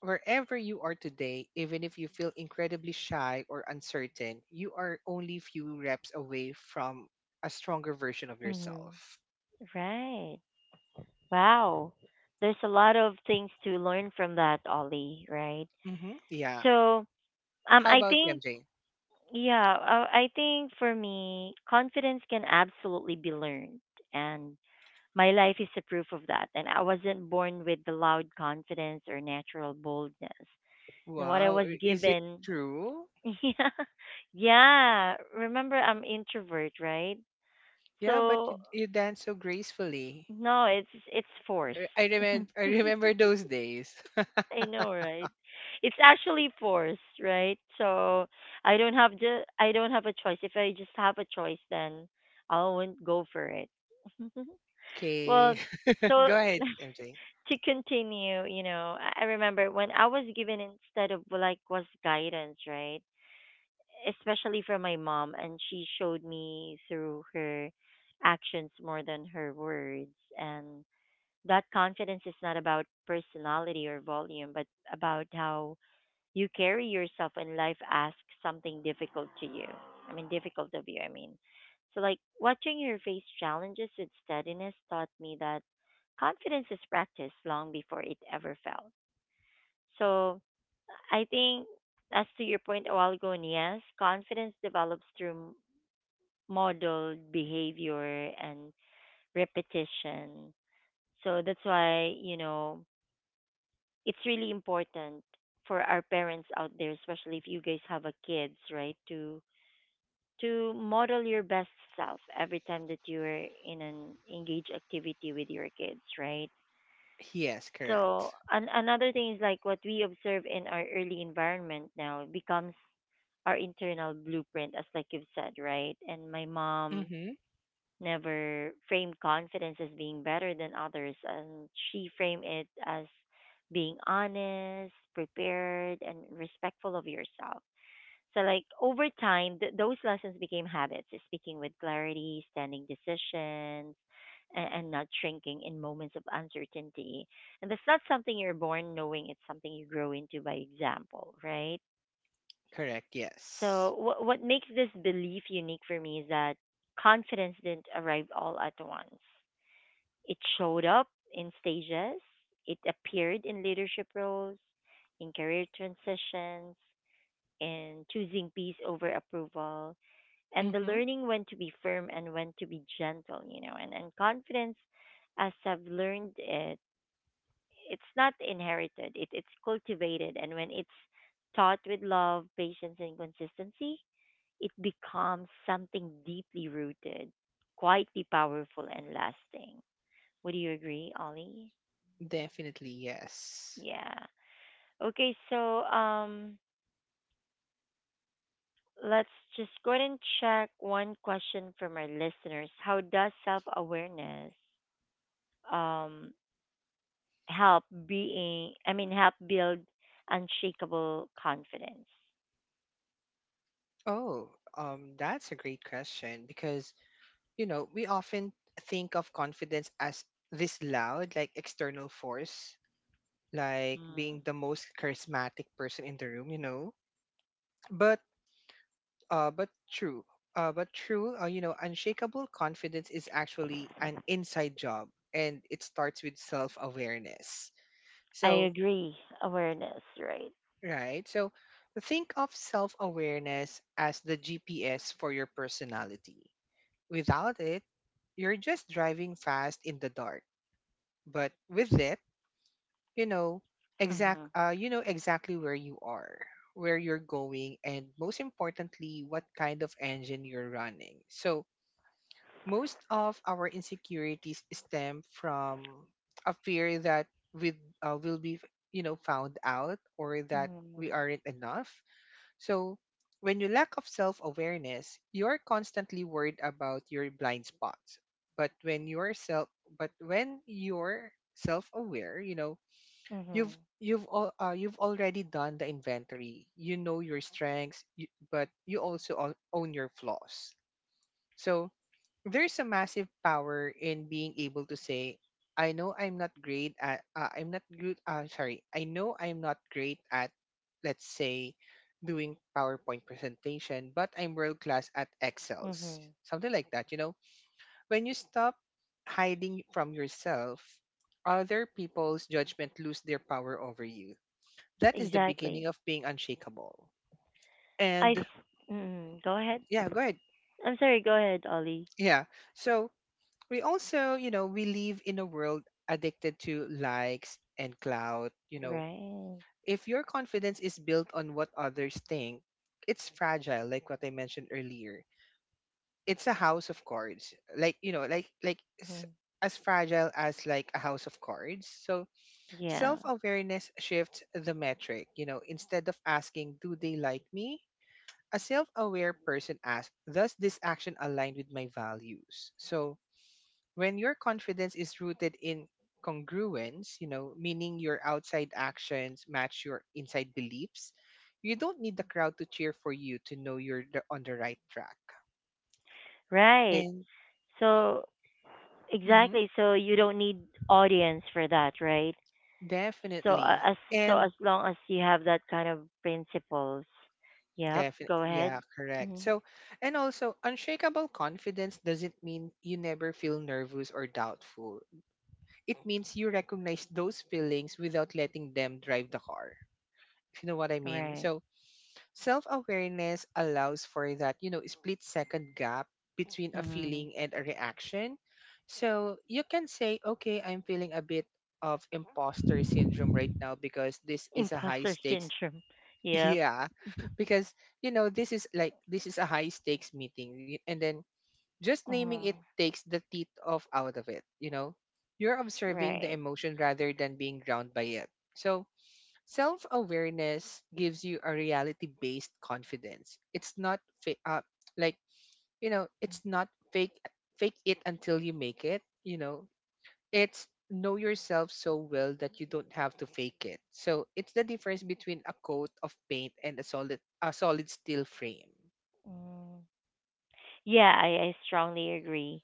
Speaker 2: wherever you are today, even if you feel incredibly shy or uncertain, you are only few reps away from a stronger version of
Speaker 1: Mhm.
Speaker 2: yourself.
Speaker 1: Right. Wow. There's a lot of things to learn from that, Ollie, right?
Speaker 2: Yeah.
Speaker 1: So,
Speaker 2: How
Speaker 1: I
Speaker 2: about you,
Speaker 1: think,
Speaker 2: MJ?
Speaker 1: yeah, I think for me, confidence can absolutely be learned. And my life is a proof of that. And I wasn't born with the loud confidence or natural boldness. And what I
Speaker 2: Wow,
Speaker 1: was
Speaker 2: is it
Speaker 1: given,
Speaker 2: true?
Speaker 1: yeah, yeah. Remember, I'm introvert, right?
Speaker 2: Yeah, but you,
Speaker 1: So,
Speaker 2: you dance so gracefully.
Speaker 1: no, it's force.
Speaker 2: R- I remember I remember those days.
Speaker 1: I know, right? It's actually forced, right? So I don't have a choice. If I just have a choice, then I won't go for it. Well,
Speaker 2: Okay.
Speaker 1: so
Speaker 2: Go ahead, MJ.
Speaker 1: to continue, you know, I remember when I was given instead of like was guidance, right? Especially from my mom, and she showed me through her actions more than her words, and that confidence is not about personality or volume, but about how you carry yourself in life asks something difficult to you. I mean, difficult of you, I mean. So, like, watching her face challenges with steadiness taught me that confidence is practiced long before it ever felt. So, I think, as to your point a while ago, yes, confidence develops through modeled behavior and repetition. So, that's why, you know, it's really important for our parents out there, especially if you guys have a kids, right? To model your best self every time that you are in an engaged activity with your kids, right?
Speaker 2: Yes,
Speaker 1: So
Speaker 2: correct.
Speaker 1: another thing is like what we observe in our early environment now becomes our internal blueprint, as like you've said, right? And my mom
Speaker 2: Mm-hmm.
Speaker 1: never framed confidence as being better than others, and she framed it as being honest, prepared, and respectful of yourself. So, like over time, those lessons became habits: speaking with clarity, standing decisions, and not shrinking in moments of uncertainty. And that's not something you're born knowing; it's something you grow into by example, right?
Speaker 2: Correct, yes.
Speaker 1: So, what makes this belief unique for me is that confidence didn't arrive all at once. It showed up in stages, it appeared in leadership roles, in career transitions, in choosing peace over approval, and the
Speaker 2: Mm-hmm.
Speaker 1: learning when to be firm and when to be gentle, you know, and confidence as I've learned it, it's not inherited. It's cultivated. And when it's taught with love, patience, and consistency, it becomes something deeply rooted, quietly powerful, and lasting. Would you agree, Ollie?
Speaker 2: Definitely yes.
Speaker 1: Yeah. Okay, so let's just go ahead and check one question from our listeners. How does self-awareness um help being I mean, help build unshakable confidence?
Speaker 2: Oh, that's a great question because, you know, we often think of confidence as this loud, like, external force, like
Speaker 1: Mm.
Speaker 2: being the most charismatic person in the room, you know. But but true. But true. You know, unshakable confidence is actually an inside job, and it starts with self-awareness.
Speaker 1: I
Speaker 2: So,
Speaker 1: agree. Awareness, right?
Speaker 2: right. So, think of self-awareness as the GPS for your personality. Without it, you're just driving fast in the dark. But with it, you know
Speaker 1: Mhm.
Speaker 2: You know exactly where you are, where you're going, and most importantly, what kind of engine you're running. So most of our insecurities stem from a fear that we will be, you know, found out, or that we
Speaker 1: Mhm.
Speaker 2: aren't enough. So when you lack of self-awareness, you're constantly worried about your blind spots. but when you're self but when you're self-aware, you know,
Speaker 1: Mhm.
Speaker 2: you've already done the inventory. You know your strengths, you, but you also own your flaws. So there's a massive power in being able to say, I know I'm not great at, I know I'm not great at, let's say, doing PowerPoint presentation, but I'm world class at Excels.
Speaker 1: Mhm.
Speaker 2: Something like that, you know? When you stop hiding from yourself, other people's judgment lose their power over you. That is the beginning
Speaker 1: Exactly.
Speaker 2: of being unshakable.
Speaker 1: I
Speaker 2: And
Speaker 1: th- Go ahead.
Speaker 2: yeah, go ahead.
Speaker 1: I'm sorry, go ahead, Ollie.
Speaker 2: Yeah. So we also, you know, we live in a world addicted to likes and clout. You know,
Speaker 1: Right.
Speaker 2: if your confidence is built on what others think, it's fragile, like what I mentioned earlier. It's a house of cards, like, you know,
Speaker 1: Mhm.
Speaker 2: as fragile as like a house of cards. So
Speaker 1: Yeah.
Speaker 2: self awareness shifts the metric. You know, instead of asking, do they like me? A self aware person asks, does this action align with my values? So when your confidence is rooted in congruence, you know, meaning your outside actions match your inside beliefs, you don't need the crowd to cheer for you to know on the right track.
Speaker 1: Right.
Speaker 2: And
Speaker 1: So
Speaker 2: mhm,
Speaker 1: exactly. So you don't need audience for that, right? So uh,
Speaker 2: definitely,
Speaker 1: as so as
Speaker 2: and
Speaker 1: long as you have that kind of principles, yep. Go
Speaker 2: definitely,
Speaker 1: ahead.
Speaker 2: yeah, correct.
Speaker 1: Hmm.
Speaker 2: So, and also, unshakable confidence doesn't mean you never feel nervous or doubtful. It means you recognize those feelings without letting them drive the car. If you know what I mean.
Speaker 1: Right.
Speaker 2: So, self awareness allows for that, you know, split second gap between a
Speaker 1: Hmm.
Speaker 2: feeling and a reaction. So you can say, okay, I'm feeling a bit of imposter syndrome right now because this is a high
Speaker 1: Imposter
Speaker 2: stakes.
Speaker 1: syndrome. Yep.
Speaker 2: Yeah, because, you know, this is like, this is a high stakes meeting. And then just naming it
Speaker 1: hmm.
Speaker 2: takes the teeth off out of it, you know? You're observing the
Speaker 1: Right.
Speaker 2: emotion rather than being drowned by it. So self awareness gives you a reality based confidence. It's not fa- like, You know, it's not fake it until you make it, you know. It's know yourself so well that you don't have to fake it. So, it's the difference between a coat of paint and a solid steel frame.
Speaker 1: Mm. Yeah, I strongly agree,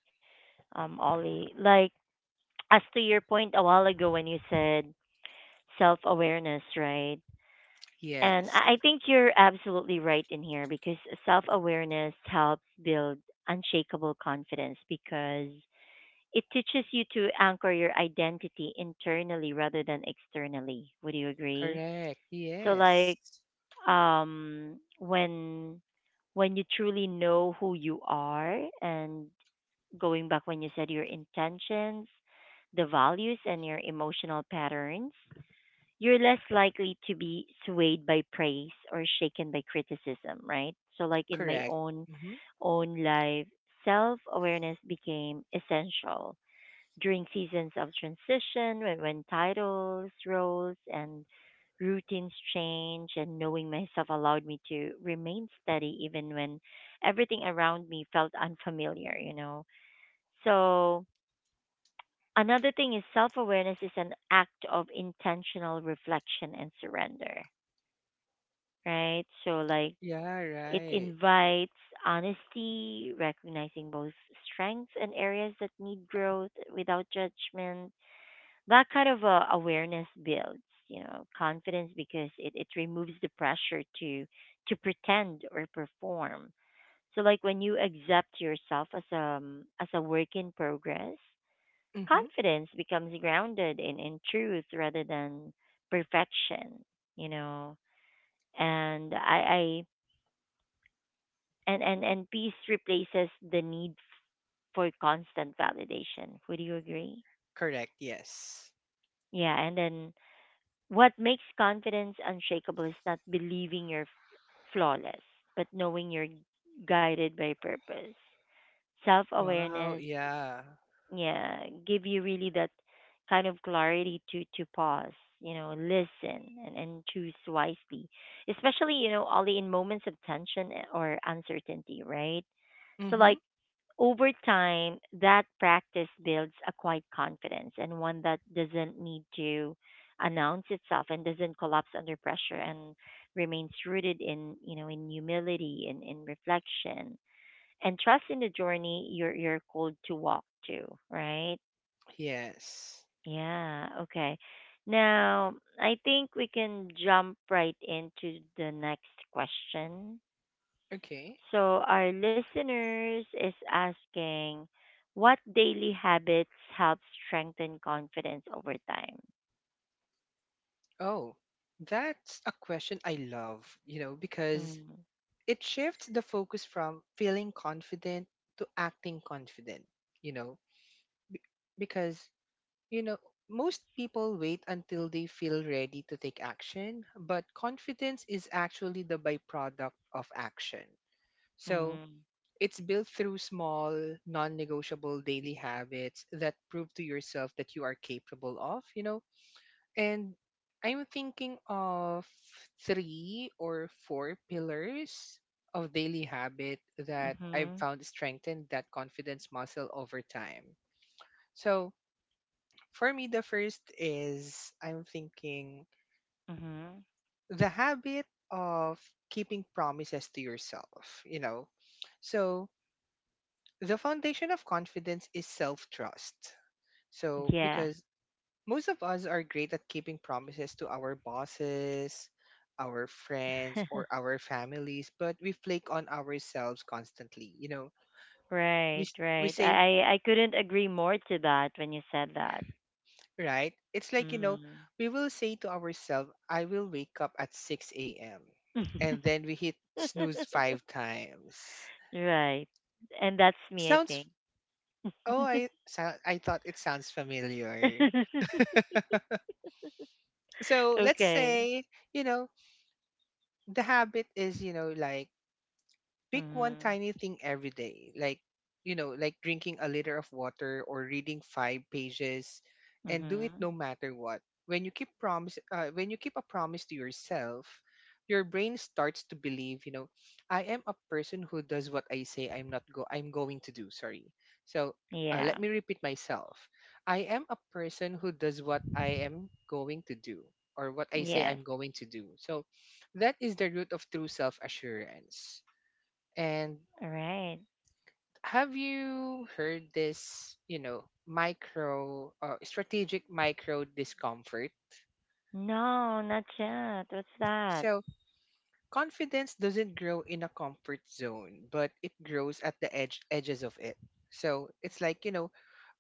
Speaker 1: Ollie. Like as to your point a while ago when you said self awareness, right? And
Speaker 2: Yes.
Speaker 1: I think you're absolutely right in here because self awareness helps build unshakable confidence because it teaches you to anchor your identity internally rather than externally. Would you agree?
Speaker 2: Correct.
Speaker 1: So like
Speaker 2: Yes.
Speaker 1: um when when you truly know who you are and going back when you said your intentions, the values and your emotional patterns you're less likely to be swayed by praise or shaken by criticism, right? So like in my
Speaker 2: Correct.
Speaker 1: own
Speaker 2: Mhm.
Speaker 1: own life, self-awareness became essential during seasons of transition when titles, roles and routines change and knowing myself allowed me to remain steady even when everything around me felt unfamiliar, you know. So another thing is self awareness is an act of intentional reflection and surrender right? So like
Speaker 2: Yeah,
Speaker 1: it
Speaker 2: right.
Speaker 1: invites honesty, recognizing both strengths and areas that need growth without judgment. That kind of awareness builds, you know, confidence because it removes the pressure to pretend or perform. So like when you accept yourself as a work in progress,
Speaker 2: Mhm.
Speaker 1: confidence becomes grounded in truth rather than perfection, you know. And I and peace replaces the need for constant validation. Would you agree?
Speaker 2: Correct. Yes.
Speaker 1: Yeah, and then what makes confidence unshakable is not believing you're flawless, but knowing you're guided by purpose. Self
Speaker 2: Wow,
Speaker 1: awareness,
Speaker 2: yeah.
Speaker 1: yeah, give you really that kind of clarity to pause, you know, listen and choose wisely. Especially, only in moments of tension or uncertainty, right? So
Speaker 2: Mm-hmm.
Speaker 1: like over time, that practice builds a quiet confidence and one that doesn't need to announce itself and doesn't collapse under pressure and remains rooted in, you know, in humility and in reflection and trust in the journey you're called to walk to, right?
Speaker 2: Yes.
Speaker 1: Yeah, okay. Now, I think we can jump right into the next question.
Speaker 2: Okay.
Speaker 1: So, our listeners is asking what daily habits help strengthen confidence over time?
Speaker 2: Oh, that's a question I love, you know, because
Speaker 1: Mm,
Speaker 2: it shifts the focus from feeling confident to acting confident, you know, because, you know, most people wait until they feel ready to take action, but confidence is actually the byproduct of action. So
Speaker 1: mm,
Speaker 2: it's built through small, non negotiable daily habits that prove to yourself that you are capable of, you know. And I'm thinking of three or four pillars of daily habit that I've
Speaker 1: mm-hmm,
Speaker 2: found strengthened that confidence muscle over time. So for me, the first is I'm thinking
Speaker 1: mm-hmm.
Speaker 2: the habit of keeping promises to yourself, you know. So the foundation of confidence is self trust. So
Speaker 1: Yeah.
Speaker 2: because most of us are great at keeping promises to our bosses, our friends, or our families, but we flake on ourselves constantly. You know,
Speaker 1: right,
Speaker 2: we
Speaker 1: right.
Speaker 2: say
Speaker 1: I couldn't agree more to that when you said that.
Speaker 2: right. It's like, you know,
Speaker 1: Mm.
Speaker 2: we will say to ourselves, "I will wake up at six a.m.," and then we hit snooze five times.
Speaker 1: right. And that's me, I
Speaker 2: Sounds
Speaker 1: think.
Speaker 2: oh I sou- I thought it sounds familiar. So let's
Speaker 1: okay.
Speaker 2: say, you know, the habit is, you know, like, pick one
Speaker 1: Mm-hmm.
Speaker 2: tiny thing every day, like, you know, like drinking a liter of water or reading five pages, and do it
Speaker 1: Mm-hmm.
Speaker 2: no matter what. When you keep a promise to yourself, your brain starts to believe, you know, I am a person who does what I say I'm not go I'm going to do, sorry. So let
Speaker 1: Yeah.
Speaker 2: me repeat myself. I am a person who does what I am going to do, or what I say I'm
Speaker 1: Yes.
Speaker 2: going to do. So that is the root of true self assurance. And
Speaker 1: All right.
Speaker 2: have you heard this, you know, micro strategic micro discomfort?
Speaker 1: No, not yet. What's that?
Speaker 2: So, confidence doesn't grow in a comfort zone, but it grows at the edges of it. So, it's like, you know,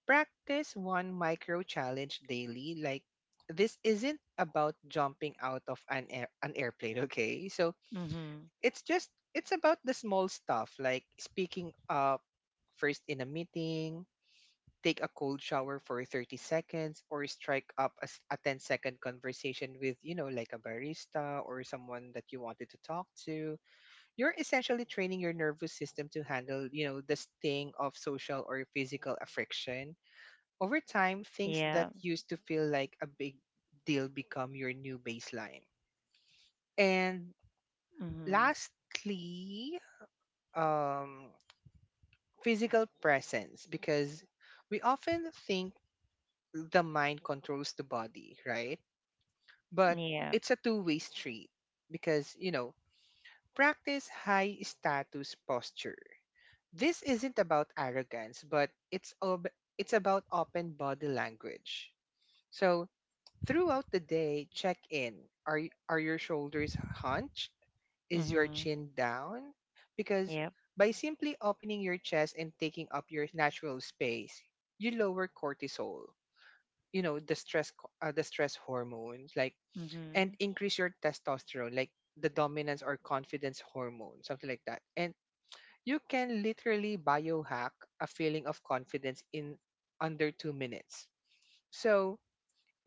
Speaker 2: practice one micro challenge daily, like, this isn't about jumping out of an airplane, okay? So,
Speaker 1: Mm-hmm.
Speaker 2: it's just, it's about the small stuff, like speaking up first in a meeting, take a cold shower for 30 seconds, or strike up a, ten-second conversation with, you know, like a barista or someone that you wanted to talk to. You're essentially training your nervous system to handle, you know, the sting of social or physical affliction. Over time, things that
Speaker 1: Yeah.
Speaker 2: used to feel like a big deal become your new baseline. And
Speaker 1: Mm-hmm.
Speaker 2: lastly, um, physical presence, because we often think the mind controls the body, right? But
Speaker 1: Yeah.
Speaker 2: it's a two-way street, because, you know, practice high status posture. This isn't about arrogance, but it's about open body language. So, throughout the day, check in. Are are your shoulders hunched? Is your
Speaker 1: Mm-hmm.
Speaker 2: chin down? Because
Speaker 1: Yep.
Speaker 2: by simply opening your chest and taking up your natural space, you lower cortisol, you know, the stress hormones, like, and
Speaker 1: Mm-hmm.
Speaker 2: increase your testosterone, like the dominance or confidence hormone, something like that. And you can literally biohack a feeling of confidence in under 2 minutes. So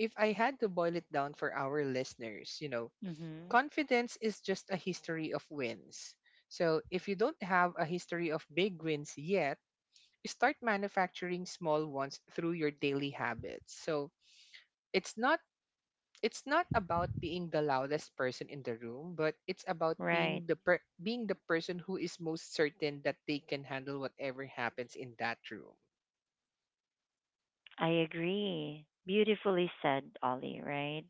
Speaker 2: if I had to boil it down for our listeners, you know,
Speaker 1: Mm-hmm.
Speaker 2: confidence is just a history of wins. So if you don't have a history of big wins yet, start manufacturing small ones through your daily habits. So it's not, it's not about being the loudest person in the room, but it's about being
Speaker 1: Right.
Speaker 2: the being the person who is most certain that they can handle whatever happens in that room.
Speaker 1: I agree. Beautifully said, Ollie, right?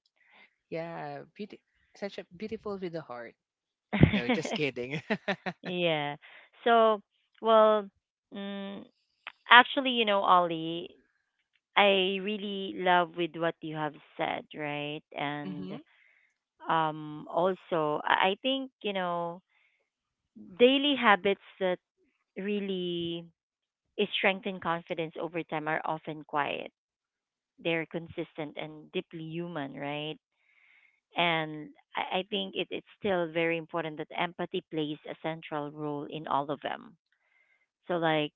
Speaker 2: Yeah, beauty, such a beautiful with the heart. No, just kidding.
Speaker 1: yeah. So, well, mm, actually, you know, Ollie, I really love with what you have said, right? And
Speaker 2: mm-hmm.
Speaker 1: also I think, you know, daily habits that really is strength confidence over time are often quiet. They're consistent and deeply human, right? And I think it's still very important that empathy plays a central role in all of them. So, like,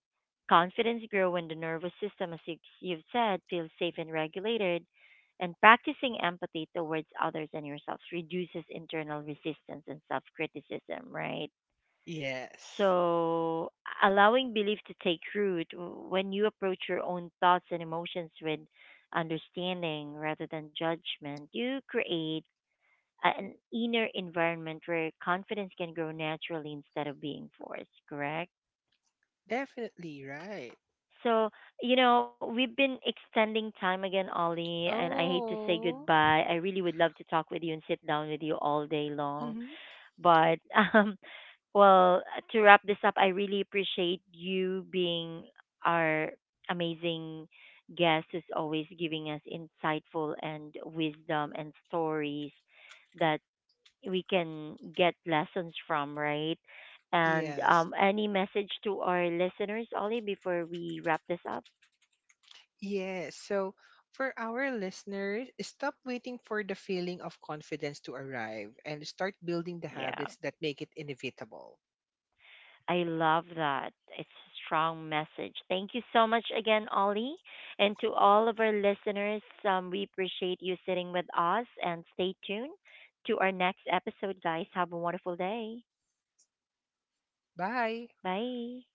Speaker 1: confidence grow when the nervous system, as you've said, feels safe and regulated. And practicing empathy towards others and yourselves reduces internal resistance and self criticism, right?
Speaker 2: Yes,
Speaker 1: So, allowing belief to take root when you approach your own thoughts and emotions with understanding rather than judgment, you create an inner environment where confidence can grow naturally instead of being forced, correct?
Speaker 2: definitely right.
Speaker 1: So, you know, we've been extending time again, Ollie, and I hate to say
Speaker 2: Oh,
Speaker 1: goodbye. I really would love to talk with you and sit down with you all day long.
Speaker 2: mm-hmm.
Speaker 1: But um, well, to wrap this up, I really appreciate you being our amazing guest who's always giving us insightful and wisdom and stories that we can get lessons from, right? And
Speaker 2: Yes,
Speaker 1: any message to our listeners, Ollie, before we wrap this up?
Speaker 2: yes. So for our listeners, stop waiting for the feeling of confidence to arrive and start building the
Speaker 1: Yeah.
Speaker 2: habits that make it inevitable.
Speaker 1: I love that. It's a strong message. Thank you so much again, Ollie. And to all of our listeners, we appreciate you sitting with us and stay tuned to our next episode, guys. Have a wonderful day.
Speaker 2: Bye.
Speaker 1: Bye.